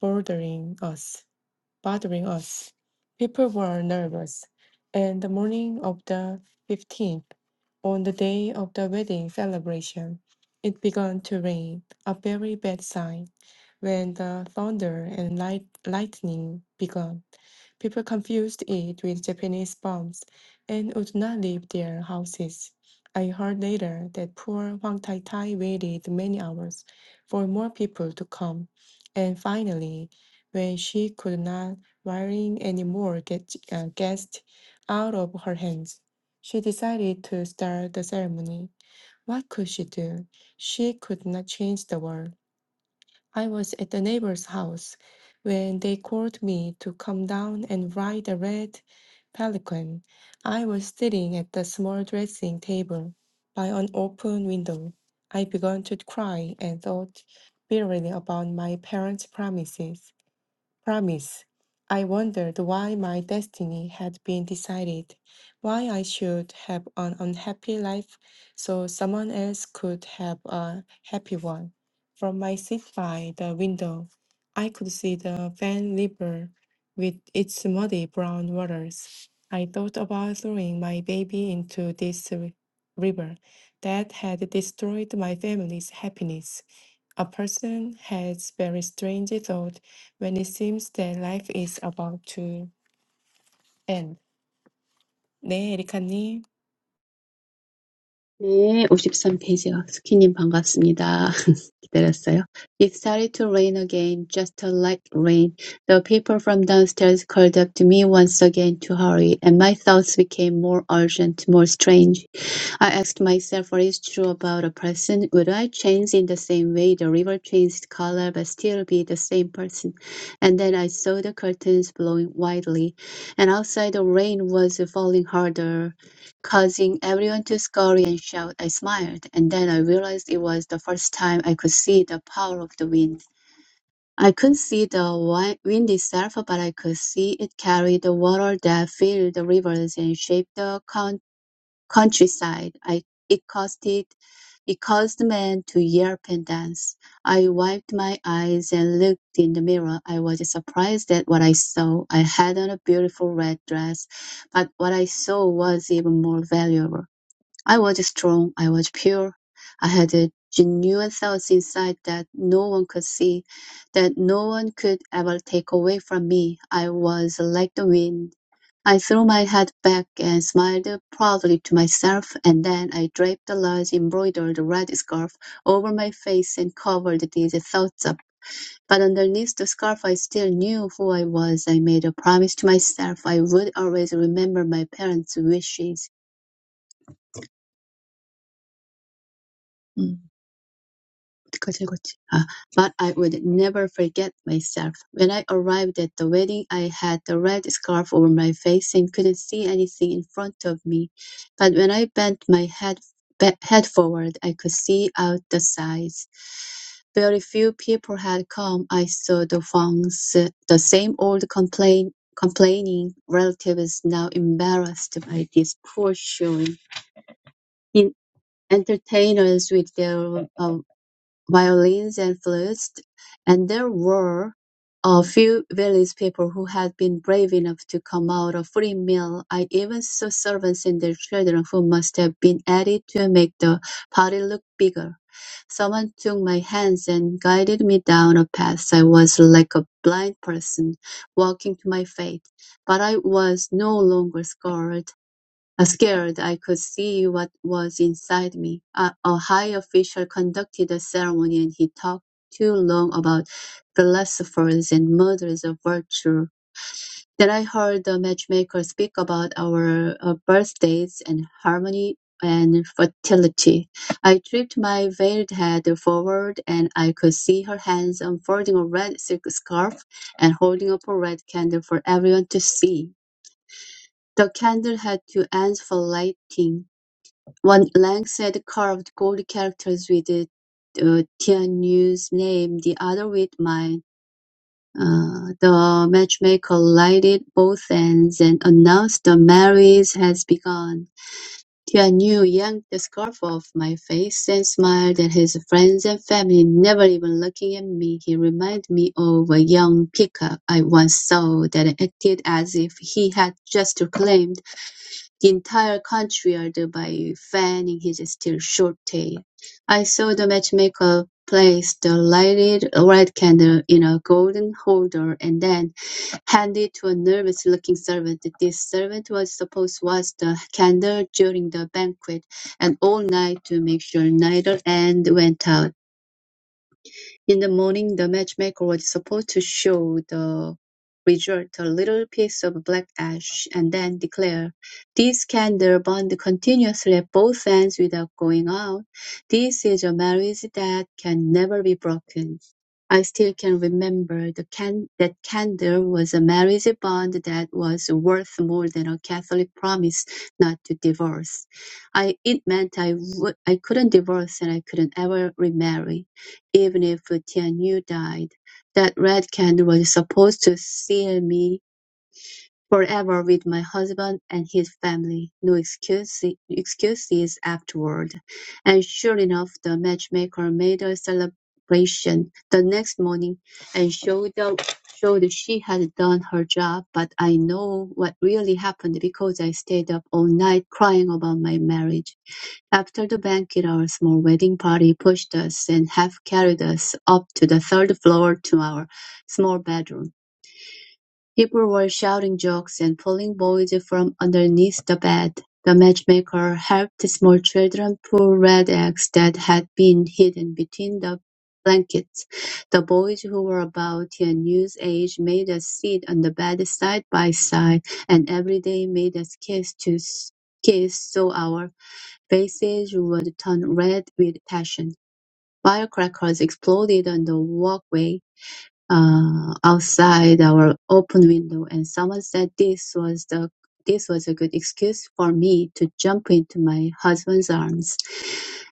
bordering us, bordering us. People were nervous, and the morning of the 15th, on the day of the wedding celebration, it began to rain, a very bad sign, when the thunder and light, lightning began. People confused it with Japanese bombs and would not leave their houses. I heard later that poor Huang Tai Tai waited many hours for more people to come, and finally, when she could not wiring any more get, uh, guests out of her hands, she decided to start the ceremony. What could she do? She could not change the world. I was at the neighbor's house when they called me to come down and ride the red pelican. I was sitting at the small dressing table by an open window. I began to cry and thought bitterly about my parents' promises promise. I wondered why my destiny had been decided, why I should have an unhappy life so someone else could have a happy one. From my seat by the window, I could see the Van River with its muddy brown waters. I thought about throwing my baby into this ri- river that had destroyed my family's happiness. A person has very strange thought when it seems that life is about to end. 네, 에리카님.
네, 오십삼 페이지가 스키님 반갑습니다. 기다렸어요. It started to rain again, just a light rain. The people from downstairs called up to me once again to hurry, and my thoughts became more urgent, more strange. I asked myself what is true about a person. Would I change in the same way the river changed color but still be the same person? And then I saw the curtains blowing widely, and outside the rain was falling harder causing everyone to scurry and shout. I smiled, and then I realized it was the first time I could see the power of the wind. I couldn't see the wi- wind itself, but I could see it carry the water that filled the rivers and shaped the coun- countryside. I, it caused it, it caused men to yelp and dance. I wiped my eyes and looked in the mirror. I was surprised at what I saw. I had on a beautiful red dress, but what I saw was even more valuable. I was strong, I was pure. I had a genuine self inside that no one could see, that no one could ever take away from me. I was like the wind. I threw my head back and smiled proudly to myself, and then I draped a large embroidered red scarf over my face and covered these thoughts up. But underneath the scarf, I still knew who I was. I made a promise to myself I would always remember my parents' wishes. Mm. 그치, 그치. Ah, but I would never forget myself. When I arrived at the wedding, I had the red scarf over my face and couldn't see anything in front of me. But when I bent my head ba- head forward, I could see out the sides. Very few people had come. I saw the Huangs, the same old complain, complaining relatives now embarrassed by this poor showing. In entertainers with their uh, violins and flutes, and there were a few village people who had been brave enough to come out a free meal. I even saw servants and their children who must have been added to make the party look bigger. Someone took my hands and guided me down a path. I was like a blind person walking to my fate, but I was no longer scared. Scared, I could see what was inside me. A, a high official conducted the ceremony and he talked too long about philosophers and murders of virtue. Then I heard the matchmaker speak about our uh, birthdays and harmony and fertility. I tripped my veiled head forward and I could see her hands unfolding a red silk scarf and holding up a red candle for everyone to see. The candle had two ends for lighting one length had carved gold characters with uh, Tianyu's name, the other with mine. Uh, the matchmaker lighted both ends and announced the marriage has begun. Tianyu yanked the scarf off my face and smiled at his friends and family, never even looking at me. He reminded me of a young peacock I once saw that acted as if he had just claimed the entire country ardor by fanning his still short tail. I saw the matchmaker place the lighted red candle in a golden holder and then hand it to a nervous looking servant. This servant was supposed to watch the candle during the banquet and all night to make sure neither end went out. In the morning, the matchmaker was supposed to show the result, a little piece of black ash, and then declare, "This candle burned continuously at both ends without going out. This is a marriage that can never be broken." I still can remember the can- that candle was a marriage bond that was worth more than a Catholic promise not to divorce. I, it meant I w- I couldn't divorce and I couldn't ever remarry even if Tianyu died, that red candle was supposed to seal me. Forever with my husband and his family, no excuse, excuses afterward. And sure enough, the matchmaker made a celebration the next morning and showed, showed she had done her job, but I know what really happened because I stayed up all night crying about my marriage. After the banquet, our small wedding party pushed us and half carried us up to the third floor to our small bedroom. People were shouting jokes and pulling boys from underneath the bed. The matchmaker helped small children pull red eggs that had been hidden between the blankets. The boys who were about Tianyu's age made us sit on the bed side by side, and every day made us kiss to s- kiss so our faces would turn red with passion. Firecrackers exploded on the walkway uh, outside our open window, and someone said this was the this was a good excuse for me to jump into my husband's arms.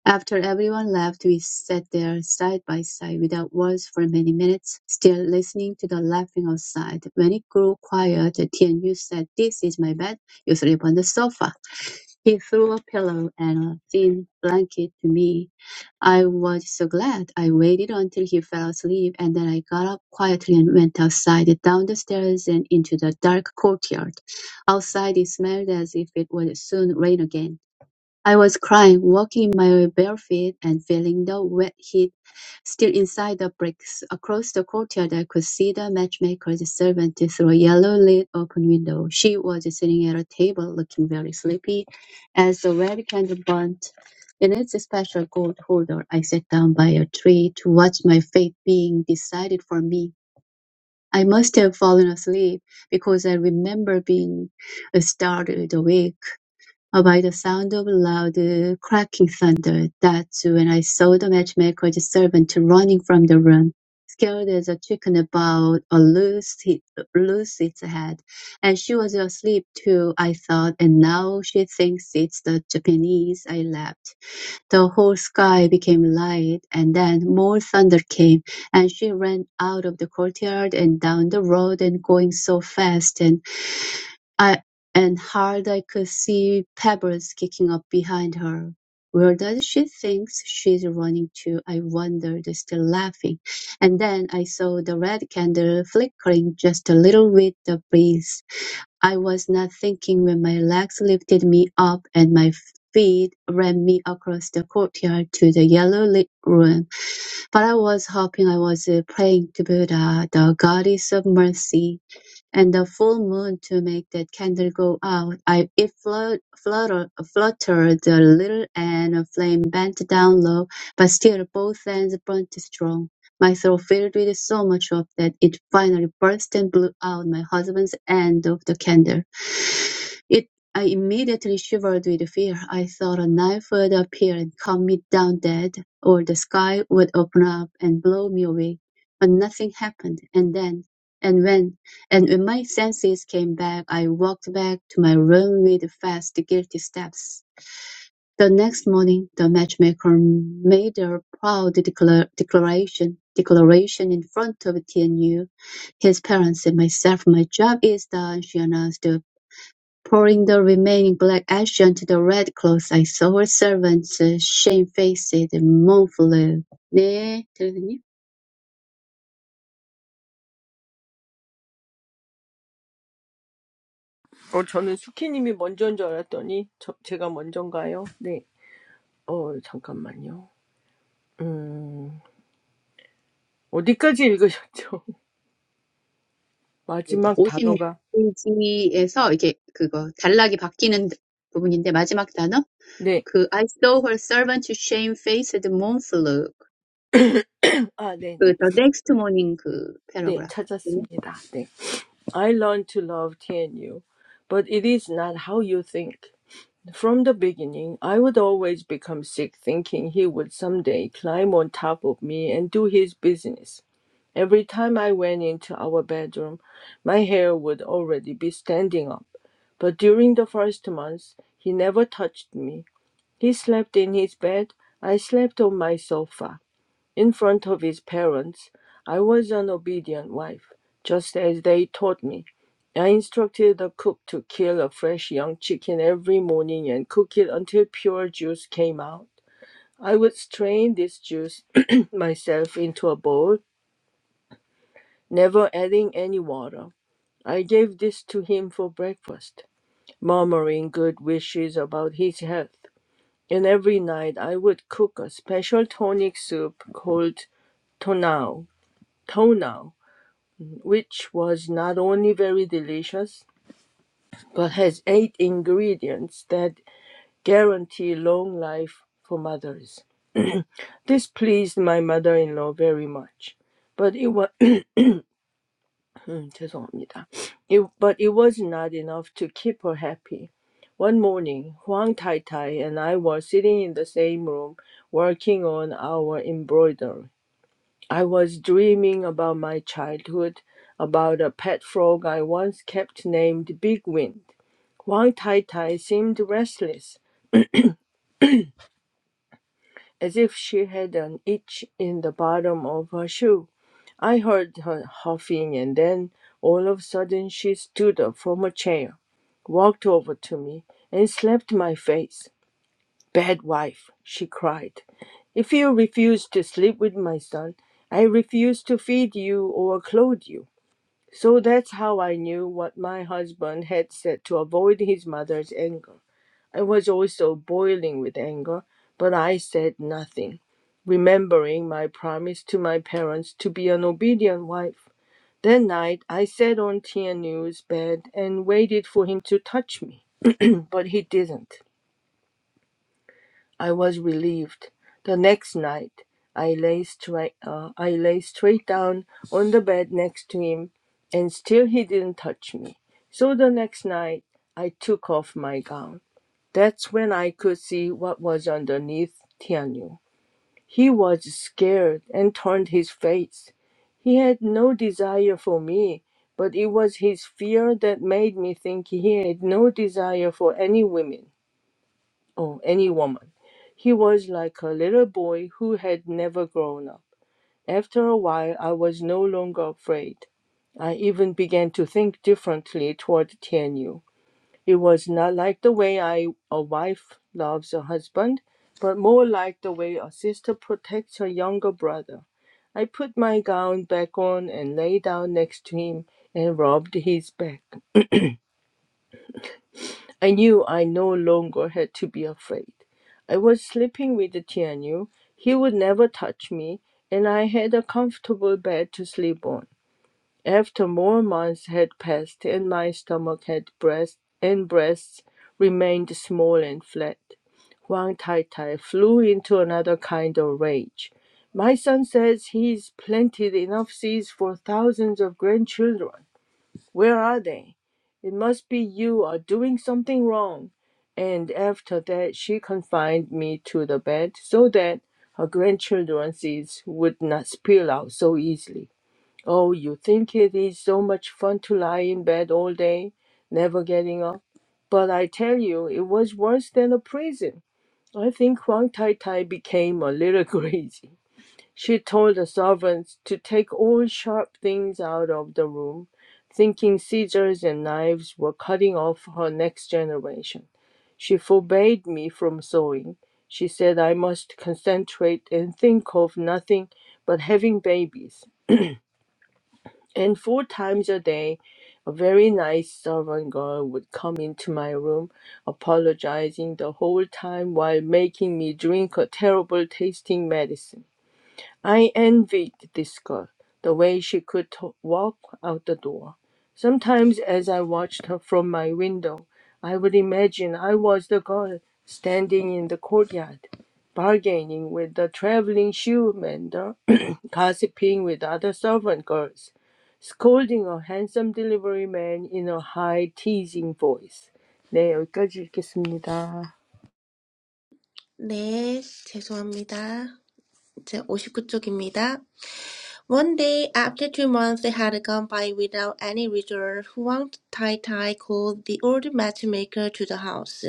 After everyone left, we sat there side by side without words for many minutes, still listening to the laughing outside. When it grew quiet, Tianyu said, "This is my bed. You sleep on the sofa." He threw a pillow and a thin blanket to me. I was so glad. I waited until he fell asleep, and then I got up quietly and went outside, down the stairs and into the dark courtyard. Outside it smelled as if it would soon rain again. I was crying, walking my bare feet and feeling the wet heat still inside the bricks. Across the courtyard, I could see the matchmaker's servant through a yellow-lit open window. She was sitting at a table, looking very sleepy, as the red candle burnt in its special gold holder. I sat down by a tree to watch my fate being decided for me. I must have fallen asleep because I remember being startled awake or by the sound of loud uh, cracking thunder. That's when I saw the matchmaker's servant running from the room, scared as a chicken about a loose, he- lose its head. And she was asleep too, I thought, and now she thinks it's the Japanese. I laughed. The whole sky became light, and then more thunder came, and she ran out of the courtyard and down the road and going so fast and. I and hard I could see pebbles kicking up behind her. Where does she think she's running to? I wondered, still laughing. And then I saw the red candle flickering just a little with the breeze. I was not thinking when my legs lifted me up and my feet ran me across the courtyard to the yellow lit room. But I was hoping I was uh, praying to Buddha, the goddess of mercy and the full moon to make that candle go out. I it flut, flutter, fluttered a little, and a flame bent down low, but still both ends burnt strong. My throat filled with so much of that it finally burst and blew out my husband's end of the candle. It I immediately shivered with fear. I thought a knife would appear and cut me down dead, or the sky would open up and blow me away. But nothing happened. And then, and when, and when my senses came back, I walked back to my room with fast, guilty steps. The next morning, the matchmaker made a proud declar- declaration, declaration in front of Tianyu, his parents and myself. My job is done, she announced Pouring the remaining black ash onto the red cloth, I saw her servant shamefaced mournful 네, 대리님.
어, 저는 수키님이 먼저인 줄 알았더니, 저, 제가 먼저인가요? 네. 어, 잠깐만요. 음, 어디까지 읽으셨죠? 마지막 단어가.
50페이지에서 이게 그거 단락이 바뀌는 부분인데 마지막 단어
네.
그 I saw her servant shamefaced mournful
아, 네네.
그
네,
the next morning 그
네,
패러그라프 네,
찾았습니다. 네. I learned to love TNU, but it is not how you think. From the beginning, I would always become sick thinking he would someday climb on top of me and do his business. Every time I went into our bedroom, my hair would already be standing up. But during the first months, he never touched me. He slept in his bed, I slept on my sofa. In front of his parents, I was an obedient wife, just as they taught me. I instructed the cook to kill a fresh young chicken every morning and cook it until pure juice came out. I would strain this juice myself into a bowl never adding any water. I gave this to him for breakfast, murmuring good wishes about his health. And every night I would cook a special tonic soup called tonau, tonau, which was not only very delicious, but has eight ingredients that guarantee long life for mothers. This pleased my mother-in-law very much, but it was. 음, 죄송합니다. It, but it was not enough to keep her happy. One morning, Huang Tai and I were sitting in the same room working on our embroidery. I was dreaming about my childhood, about a pet frog I once kept named Big Wind. Huang Tai seemed restless. as if she had an itch in the bottom of her shoe. I heard her huffing, and then all of a sudden she stood up from her chair, walked over to me, and slapped my face. Bad wife, she cried. If you refuse to sleep with my son, I refuse to feed you or clothe you. So that's how I knew what my husband had said to avoid his mother's anger. I was also boiling with anger, but I said nothing, remembering my promise to my parents to be an obedient wife. That night, I sat on Tianu's bed and waited for him to touch me, but he didn't. I was relieved. The next night, I lay straight, uh, I lay straight down on the bed next to him, and still he didn't touch me. So the next night, I took off my gown. That's when I could see what was underneath Tianyu. He was scared and turned his face. He had no desire for me, but it was his fear that made me think he had no desire for any women or any woman. He was like a little boy who had never grown up. After a while, I was no longer afraid. I even began to think differently toward Tianyu. It was not like the way I, a wife loves a husband, but more like the way a sister protects her younger brother. I put my gown back on and lay down next to him and rubbed his back. I knew I no longer had to be afraid. I was sleeping with Tianyu. He would never touch me, and I had a comfortable bed to sleep on. After more months had passed and my stomach had breast and breasts remained small and flat, Huang Tai Tai flew into another kind of rage. My son says he's planted enough seeds for thousands of grandchildren. Where are they? It must be you are doing something wrong. And after that, she confined me to the bed so that her grandchildren's seeds would not spill out so easily. Oh, you think it is so much fun to lie in bed all day, never getting up? But I tell you, it was worse than a prison. I think Huang Tai Tai became a little crazy. She told the servants to take all sharp things out of the room, thinking scissors and knives were cutting off her next generation. She forbade me from sewing. She said I must concentrate and think of nothing but having babies. And four times a day, a very nice servant girl would come into my room, apologizing the whole time while making me drink a terrible tasting medicine. I envied this girl the way she could t- walk out the door. Sometimes, as I watched her from my window, I would imagine I was the girl standing in the courtyard, bargaining with the traveling shoe mender, gossiping with other servant girls, scolding a handsome delivery man in a high, teasing voice. 네, 여기까지 읽겠습니다.
네, 죄송합니다. 제 오십구 쪽입니다. One day, after two months they had gone by without any result, Huang Tai Tai called the old matchmaker to the house.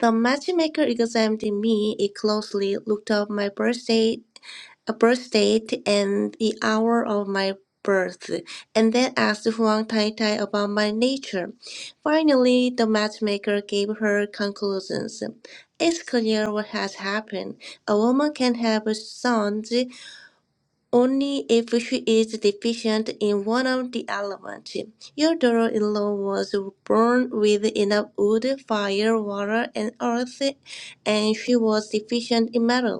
The matchmaker examined me closely, looked up my birthday, a birth date, and the hour of my birth, and then asked Huang Tai Tai about my nature. Finally, the matchmaker gave her conclusions. It's clear what has happened. A woman can have sons only if she is deficient in one of the elements. Your daughter-in-law was born with enough wood, fire, water, and earth, and she was deficient in metal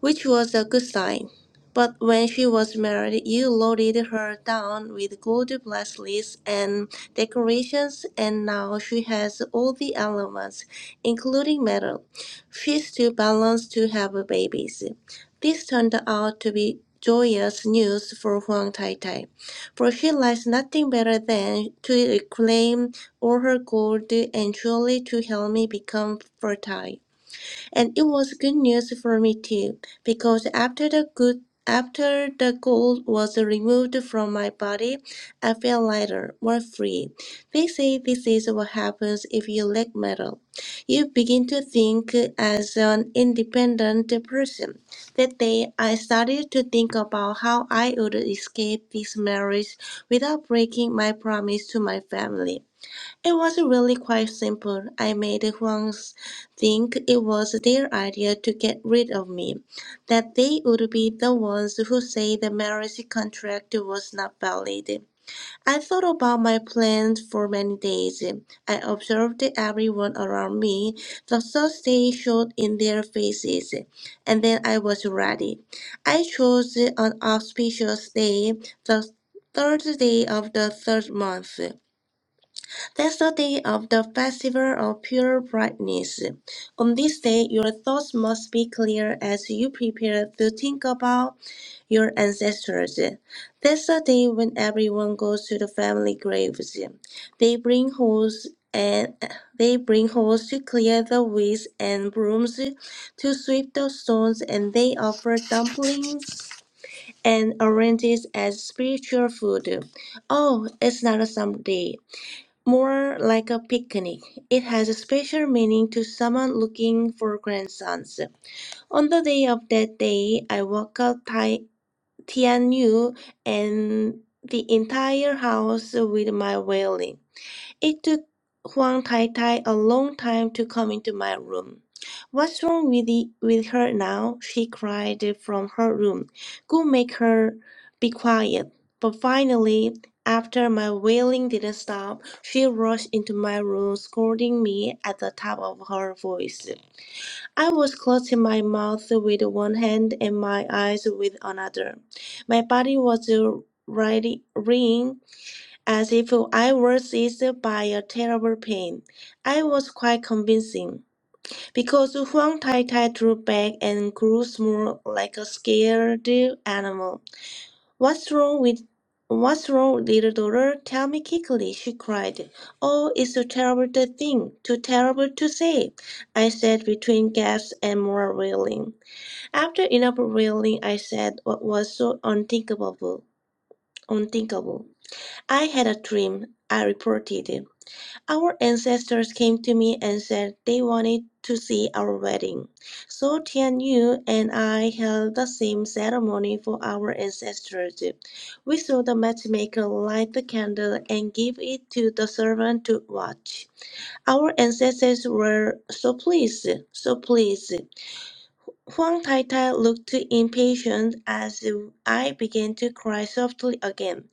which was a good sign. But when she was married, you loaded her down with gold bracelets and decorations, and now she has all the elements, including metal, fish to balance to have babies. This turned out to be joyous news for Huang Tai Tai, for she likes nothing better than to reclaim all her gold and truly to help me become fertile. And it was good news for me too, because after the good after the gold was removed from my body, I felt lighter, more free. They say this is what happens if you lack metal. You begin to think as an independent person. That day, I started to think about how I would escape this marriage without breaking my promise to my family. It was really quite simple. I made the Huangs think it was their idea to get rid of me, that they would be the ones who say the marriage contract was not valid. I thought about my plans for many days. I observed everyone around me, the thoughts they showed in their faces, and then I was ready. I chose an auspicious day, the third day of the third month. That's the day of the festival of pure brightness. On this day, your thoughts must be clear as you prepare to think about your ancestors. That's the day when everyone goes to the family graves. They bring hoes and they bring hoes to clear the weeds and brooms to sweep the stones, and they offer dumplings and oranges as spiritual food. Oh, it's not a summer day. More like a picnic. It has a special meaning to someone looking for grandsons. On the day of that day, I walked out Ti- Tianyu and the entire house with my wailing. It took Huang Tai Tai a long time to come into my room. What's wrong with, the, with her now? She cried from her room. Go make her be quiet. But finally, after my wailing didn't stop, she rushed into my room, scolding me at the top of her voice. I was closing my mouth with one hand and my eyes with another. My body was uh, ready- reeling as if I were seized by a terrible pain. I was quite convincing, because Huang Tai Tai drew back and grew small like a scared animal. What's wrong with What's wrong, little daughter? Tell me quickly, she cried. Oh, it's a terrible thing, too terrible to say, I said between gasps and more wailing. After enough wailing, I said what was so unthinkable, unthinkable. I had a dream, I reported. Our ancestors came to me and said they wanted to see our wedding. So Tian Yu and I held the same ceremony for our ancestors. We saw the matchmaker light the candle and give it to the servant to watch. Our ancestors were so pleased, so pleased. Huang Tai looked impatient as I began to cry softly again.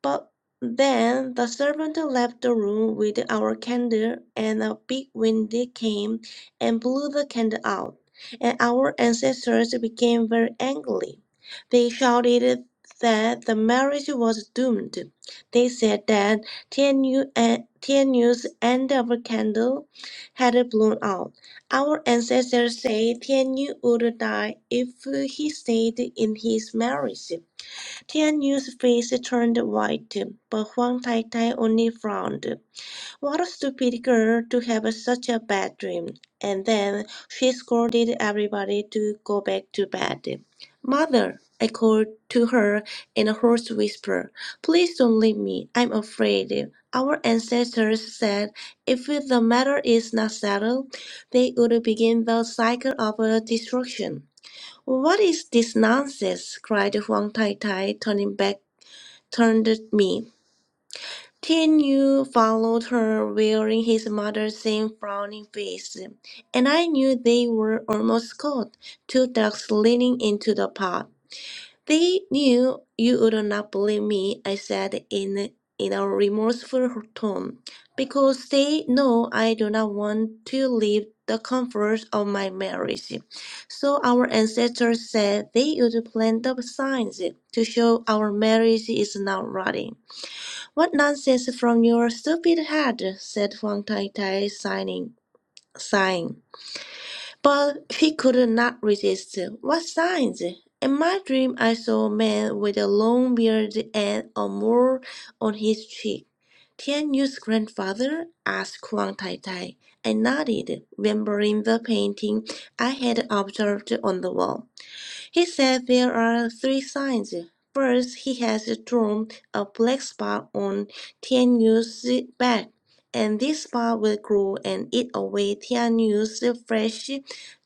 But then the servant left the room with our candle, and a big wind came and blew the candle out. And our ancestors became very angry. They shouted that the marriage was doomed. They said that Tianyu's end of a candle had blown out. Our ancestors say Tianyu would die if he stayed in his marriage. Tianyu's face turned white, but Huang Taitai only frowned. What a stupid girl to have such a bad dream. And then she scolded everybody to go back to bed. Mother, I called to her in a hoarse whisper, please don't leave me. I'm afraid. Our ancestors said if the matter is not settled, they would begin the cycle of uh, destruction. What is this nonsense? cried Huang Tai Tai, turning back turned at me. Tin Yu followed her, wearing his mother's same frowning face, and I knew they were almost caught, two ducks leaning into the pot. They knew you would not believe me, I said in, in a remorseful tone, because they know I do not want to leave the comforts of my marriage. So our ancestors said they would plant the signs to show our marriage is not rotting. What nonsense from your stupid head, said Huang Tai Tai, sighing. sighing. But he could not resist. What signs? In my dream, I saw a man with a long beard and a mole on his cheek. Tian Yu's grandfather? asked Huang Tai Tai. I nodded, remembering the painting I had observed on the wall. He said there are three signs. First, he has drawn a black spot on Tianyu's back, and this spot will grow and eat away Tianyu's flesh,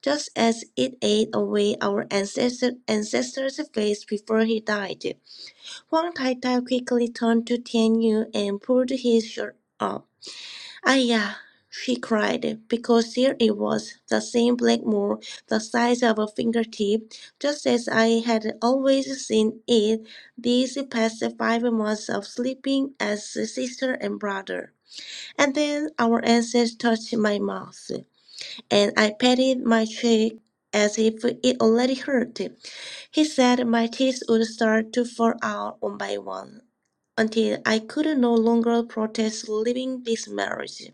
just as it ate away our ancestor, ancestor's face before he died. Huang Tai Tai quickly turned to Tianyu and pulled his shirt up. Aya, she cried, because there it was, the same black mole, the size of a fingertip, just as I had always seen it these past five months of sleeping as sister and brother. And then our ancestor touched my mouth, and I patted my cheek as if it already hurt. He said my teeth would start to fall out one by one, until I could no longer protest leaving this marriage.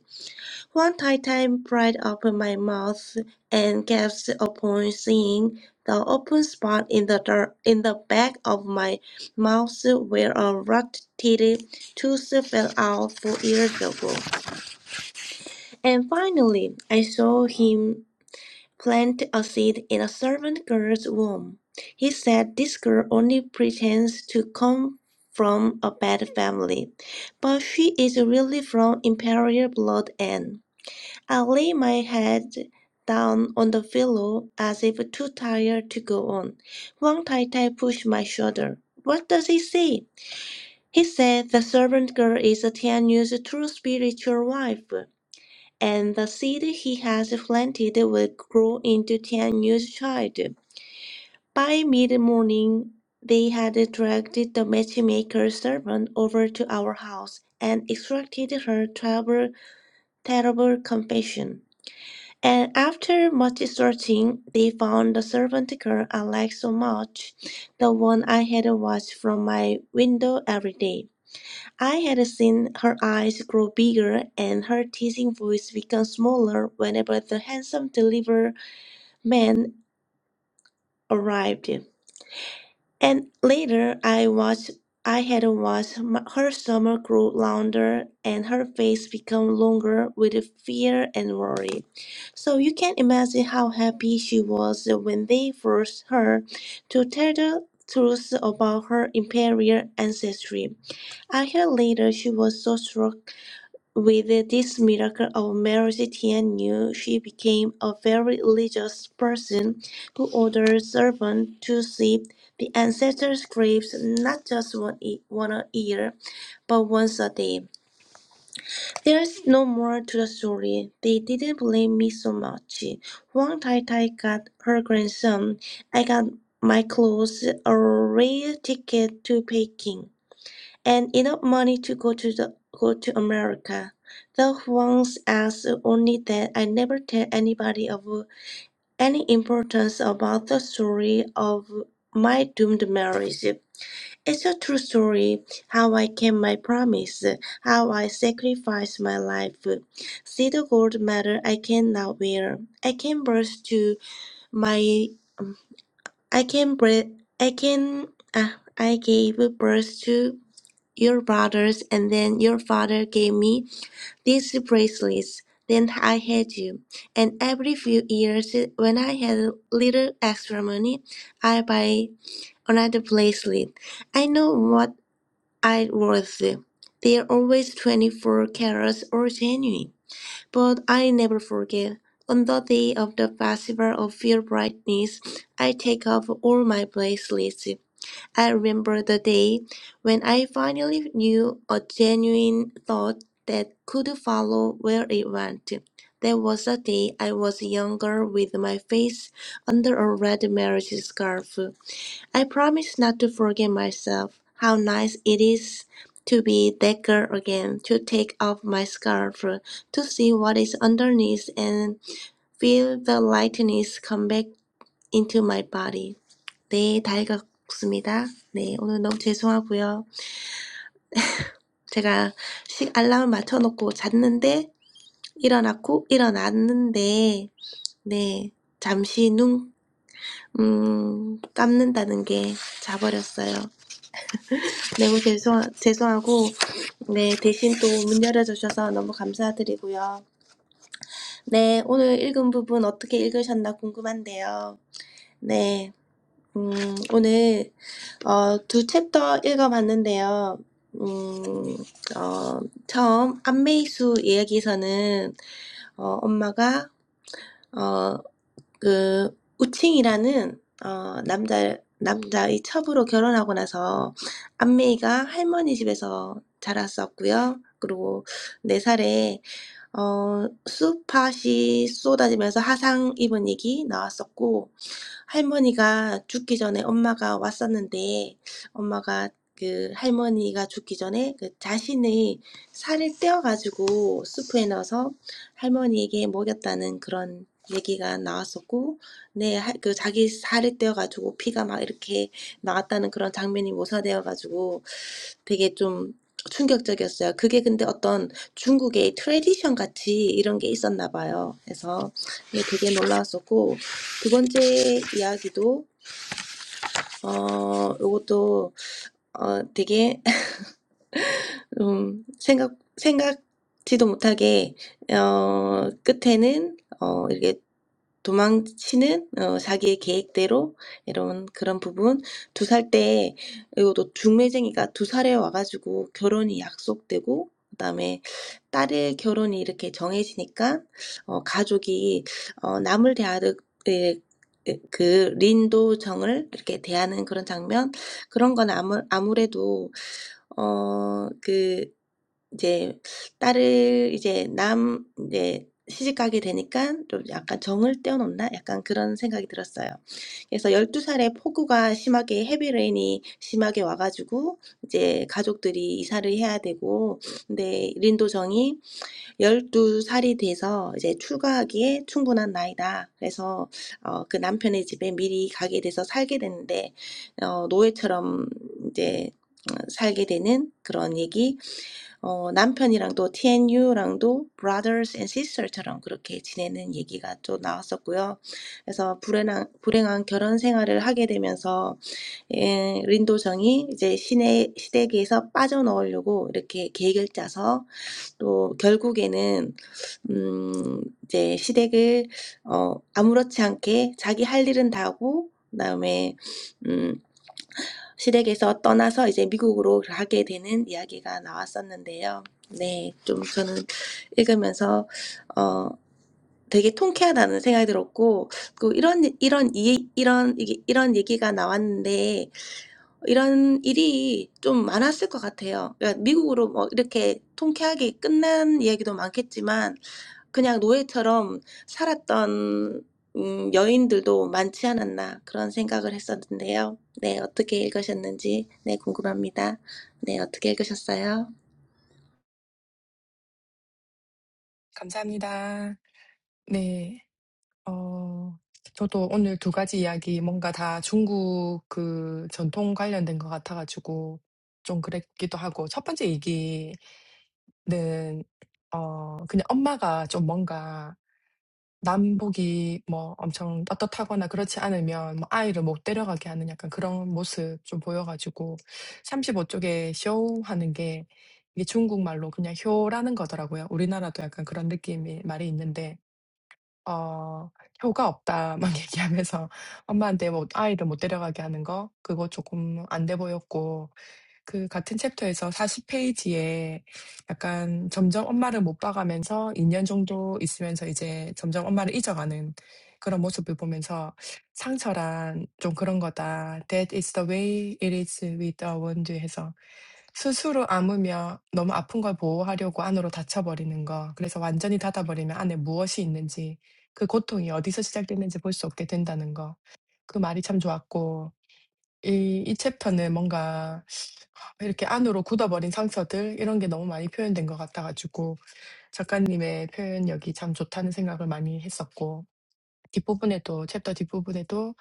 One titan pried open my mouth and gasped upon seeing the open spot in the dirt in the back of my mouth where a rot-titted tooth fell out four years ago. And finally, I saw him plant a seed in a servant girl's womb. He said this girl only pretends to come from a bad family, but she is really from imperial blood and I lay my head down on the pillow as if too tired to go on. Wang Tai Tai pushed my shoulder. What does he say? He said the servant girl is Tianyu's true spiritual wife, and the seed he has planted will grow into Tianyu's child. By mid morning, they had dragged the matchmaker's servant over to our house and extracted her terrible, terrible confession. And after much searching, they found the servant girl I liked so much, the one I had watched from my window every day. I had seen her eyes grow bigger and her teasing voice become smaller whenever the handsome delivery man arrived. And later, I watched. I had watched m- her summer grow louder and her face become longer with fear and worry. So you can imagine how happy she was when they forced her to tell the truth about her imperial ancestry. I heard later she was so struck with this miracle of Mary, Tian knew she became a very religious person who ordered servants to sweep the ancestors' graves not just one, e- one a year, but once a day. There's no more to the story. They didn't blame me so much. Huang Tai Tai got her grandson. I got my clothes, a rail ticket to Peking and enough money to go to the go to America. Though once asked only that I never tell anybody of any importance about the story of my doomed marriage. It's a true story how I kept my promise, how I sacrificed my life. See the gold medal I can now wear. I can birth to my I can breath I can ah, I gave birth to your brothers, and then your father gave me these bracelets. Then I had you. And every few years, when I had a little extra money, I buy another bracelet. I know what I worth. They are always 24 carats or genuine. But I never forget. On the day of the festival of your brightness, I take off all my bracelets. I remember the day when I finally knew a genuine thought that could follow where it went. That was the day I was younger with my face under a red marriage scarf. I promised not to forget myself. How nice it is to be that girl again, to take off my scarf, to see what is underneath and feel the lightness come back into my body. 네, 다 읽었습니다. 네, 오늘 너무 죄송하고요. 제가 시, 알람을 맞춰놓고 잤는데, 일어났고, 일어났는데, 네, 잠시 눈, 음, 감는다는 게 자버렸어요. 매우 죄송, 죄송하고, 네, 대신 또 문 열어주셔서 너무 감사드리고요. 네, 오늘 읽은 부분 어떻게 읽으셨나 궁금한데요. 네. 음, 오늘 어, 두 챕터 읽어봤는데요. 음, 어, 처음 안메이수 이야기에서는 어, 엄마가 어, 그 우칭이라는 어, 남자 남자의 첩으로 결혼하고 나서 안메이가 할머니 집에서 자랐었고요. 그리고 네 살에 어, 수팥이 쏟아지면서 화상 입은 얘기 나왔었고 할머니가 죽기 전에 엄마가 왔었는데 엄마가 그 할머니가 죽기 전에 그 자신의 살을 떼어가지고 수프에 넣어서 할머니에게 먹였다는 그런 얘기가 나왔었고, 네, 할- 그 자기 살을 떼어가지고 피가 막 이렇게 나왔다는 그런 장면이 묘사되어가지고 되게 좀 충격적이었어요. 그게 근데 어떤 중국의 트레디션 같이 이런 게 있었나 봐요. 그래서 이게 되게 놀라웠었고 두 번째 이야기도 어 요것도 어 되게 음 생각 생각지도 못하게 어 끝에는 어 이렇게 도망치는 어, 자기의 계획대로 이런 그런 부분 두살때또 중매쟁이가 두 살에 와가지고 결혼이 약속되고 그다음에 딸의 결혼이 이렇게 정해지니까 어, 가족이 어, 남을 대하듯 예, 예, 그 린도정을 이렇게 대하는 그런 장면 그런 건 아무, 아무래도 어 그. 이제 딸을 이제 남 이제 시집 가게 되니까 좀 약간 정을 떼어놓나? 약간 그런 생각이 들었어요. 그래서 열두 살에 폭우가 심하게 헤비레인이 심하게 와가지고 이제 가족들이 이사를 해야 되고 근데 린도정이 열두 살이 돼서 이제 출가하기에 충분한 나이다. 그래서 어, 그 남편의 집에 미리 가게 돼서 살게 됐는데 어, 노예처럼 이제 어, 살게 되는 그런 얘기 어, 남편이랑도 TNU랑도 brothers and sisters처럼 그렇게 지내는 얘기가 또 나왔었고요. 그래서 불행한, 불행한 결혼 생활을 하게 되면서 에 린도정이 이제 시내 시댁에서 빠져나오려고 이렇게 계획을 짜서 또 결국에는 음, 이제 시댁을 어, 아무렇지 않게 자기 할 일은 다 하고 그다음에 음. 시댁에서 떠나서 이제 미국으로 가게 되는 이야기가 나왔었는데요. 네, 좀 저는 읽으면서 어 되게 통쾌하다는 생각이 들었고 그 이런 이런 이 이런 이게 이런 얘기가 나왔는데 이런 일이 좀 많았을 것 같아요. 그러니까 미국으로 뭐 이렇게 통쾌하게 끝난 이야기도 많겠지만 그냥 노예처럼 살았던 음, 여인들도 많지 않았나 그런 생각을 했었는데요. 네, 어떻게 읽으셨는지 네, 궁금합니다. 네, 어떻게 읽으셨어요?
감사합니다. 네, 어, 저도 오늘 두 가지 이야기 뭔가 다 중국 그 전통 관련된 것 같아가지고 좀 그랬기도 하고 첫 번째 얘기는 어, 그냥 엄마가 좀 뭔가 남복이 뭐 엄청 떳떳하거나 그렇지 않으면 뭐 아이를 못 데려가게 하는 약간 그런 모습 좀 보여가지고 35쪽에 쇼 하는 게 이게 중국말로 그냥 효라는 거더라고요. 우리나라도 약간 그런 느낌이 말이 있는데 어 효가 없다 막 얘기하면서 엄마한테 뭐 아이를 못 데려가게 하는 거 그거 조금 안 돼 보였고 그 같은 챕터에서 40페이지에 약간 점점 엄마를 못 봐가면서 2년 정도 있으면서 이제 점점 엄마를 잊어가는 그런 모습을 보면서 상처란 좀 그런 거다. That is the way it is with a wound 해서 스스로 아무며 너무 아픈 걸 보호하려고 안으로 닫혀버리는 거. 그래서 완전히 닫아버리면 안에 무엇이 있는지 그 고통이 어디서 시작됐는지 볼수 없게 된다는 거. 그 말이 참 좋았고 이, 이 챕터는 뭔가 이렇게 안으로 굳어버린 상처들 이런 게 너무 많이 표현된 것 같아가지고 작가님의 표현력이 참 좋다는 생각을 많이 했었고 뒷부분에도 챕터 뒷부분에도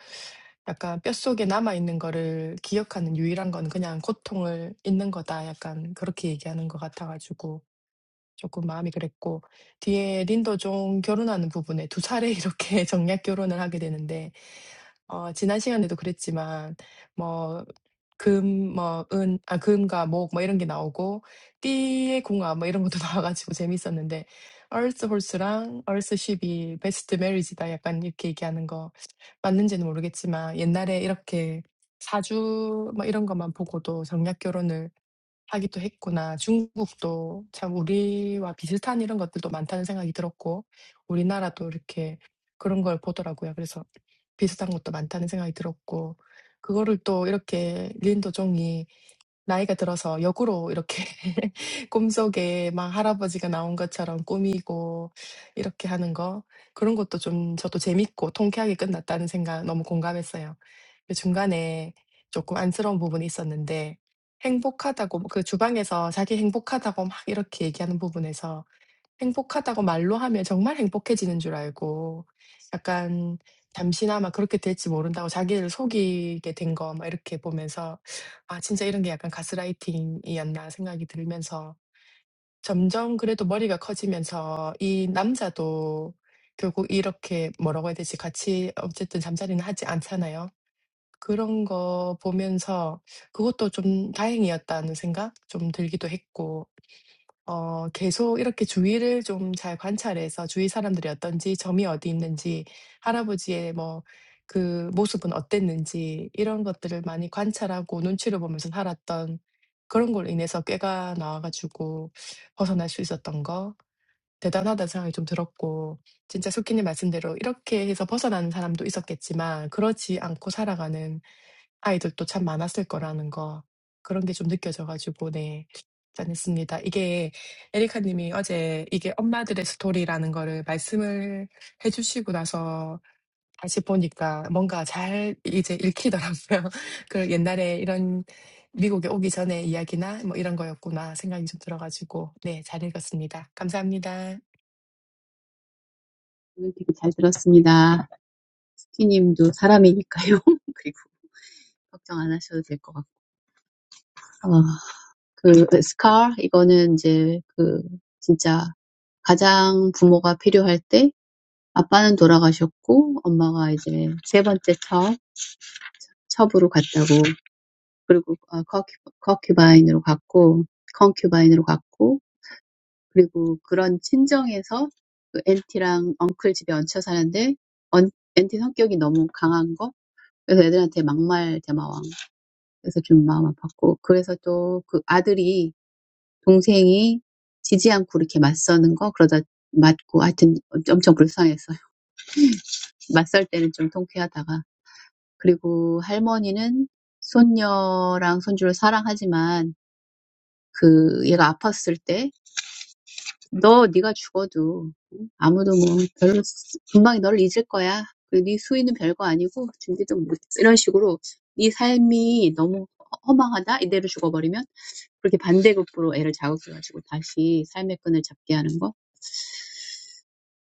약간 뼛속에 남아있는 거를 기억하는 유일한 건 그냥 고통을 잊는 거다 약간 그렇게 얘기하는 것 같아가지고 조금 마음이 그랬고 뒤에 린도종 결혼하는 부분에 두 차례 이렇게 정략 결혼을 하게 되는데 어, 지난 시간에도 그랬지만 금 뭐 은 아 금과 목 뭐 이런 게 나오고 띠의 궁합 뭐 이런 것도 나와가지고 가지고 재밌었는데 Earth Horse랑 Earth Ship이 베스트 메리지다 약간 이렇게 얘기하는 거 맞는지는 모르겠지만 옛날에 이렇게 사주 뭐 이런 것만 보고도 정략 결혼을 하기도 했구나. 중국도 참 우리와 비슷한 이런 것들도 많다는 생각이 들었고 우리나라도 이렇게 그런 걸 보더라고요. 그래서. 비슷한 것도 많다는 생각이 들었고 그거를 또 이렇게 린도종이 나이가 들어서 역으로 이렇게 꿈속에 막 할아버지가 나온 것처럼 꾸미고 이렇게 하는 거 그런 것도 좀 저도 재밌고 통쾌하게 끝났다는 생각 너무 공감했어요. 그 중간에 조금 안쓰러운 부분이 있었는데 행복하다고 그 주방에서 자기 행복하다고 막 이렇게 얘기하는 부분에서 행복하다고 말로 하면 정말 행복해지는 줄 알고 약간 잠시나마 그렇게 될지 모른다고 자기를 속이게 된 거 막 이렇게 보면서 '아 진짜 이런 게 약간 가스라이팅이었나.' 생각이 들면서 점점 그래도 머리가 커지면서 이 남자도 결국 이렇게 뭐라고 해야 되지? 같이 어쨌든 잠자리는 하지 않잖아요. 그런 거 보면서 그것도 좀 다행이었다는 생각 좀 들기도 했고 어, 계속 이렇게 주위를 좀 잘 관찰해서 주위 사람들이 어떤지, 점이 어디 있는지, 할아버지의 뭐 그 모습은 어땠는지 이런 것들을 많이 관찰하고 눈치를 보면서 살았던 그런 걸 인해서 꾀가 나와가지고 벗어날 수 있었던 거 대단하다는 생각이 좀 들었고 진짜 숙기님 말씀대로 이렇게 해서 벗어나는 사람도 있었겠지만 그러지 않고 살아가는 아이들도 참 많았을 거라는 거 그런 게좀 느껴져가지고 네. 않습니다. 이게 에리카님이 어제 이게 엄마들의 스토리라는 거를 말씀을 해주시고 나서 다시 보니까 뭔가 잘 이제 읽히더라고요. 그 옛날에 이런 미국에 오기 전에 이야기나 뭐 이런 거였구나 생각이 좀 들어가지고 네, 잘 읽었습니다. 감사합니다.
오늘 되게 잘 들었습니다. 피님도 사람이니까요. 그리고 걱정 안 하셔도 될 것 같고. 어, 그 scar 이거는 이제 그 진짜 가장 부모가 필요할 때 아빠는 돌아가셨고 엄마가 이제 세 번째 첩, 첩으로 갔다고 그리고 어, concubine,로 갔고 concubine으로 갔고 그리고 그런 친정에서 그 앤티랑 엉클 집에 얹혀 사는데 언, 앤티 성격이 너무 강한 거 그래서 애들한테 막말 대마왕 그래서 좀 마음 아팠고 그래서 또그 아들이 동생이 지지 않고 이렇게 맞서는 거 그러다 맞고 하여튼 엄청 불쌍했어요. 맞설 때는 좀 통쾌하다가 그리고 할머니는 손녀랑 손주를 사랑하지만 그 얘가 아팠을 때 너 네가 죽어도 아무도 뭐 별로 금방 너를 잊을 거야. 그리고 네 수위는 별거 아니고 준비도 못 이런 식으로 네 삶이 너무 허망하다 이대로 죽어버리면 그렇게 반대급부로 애를 자극해가지고 다시 삶의 끈을 잡게 하는 거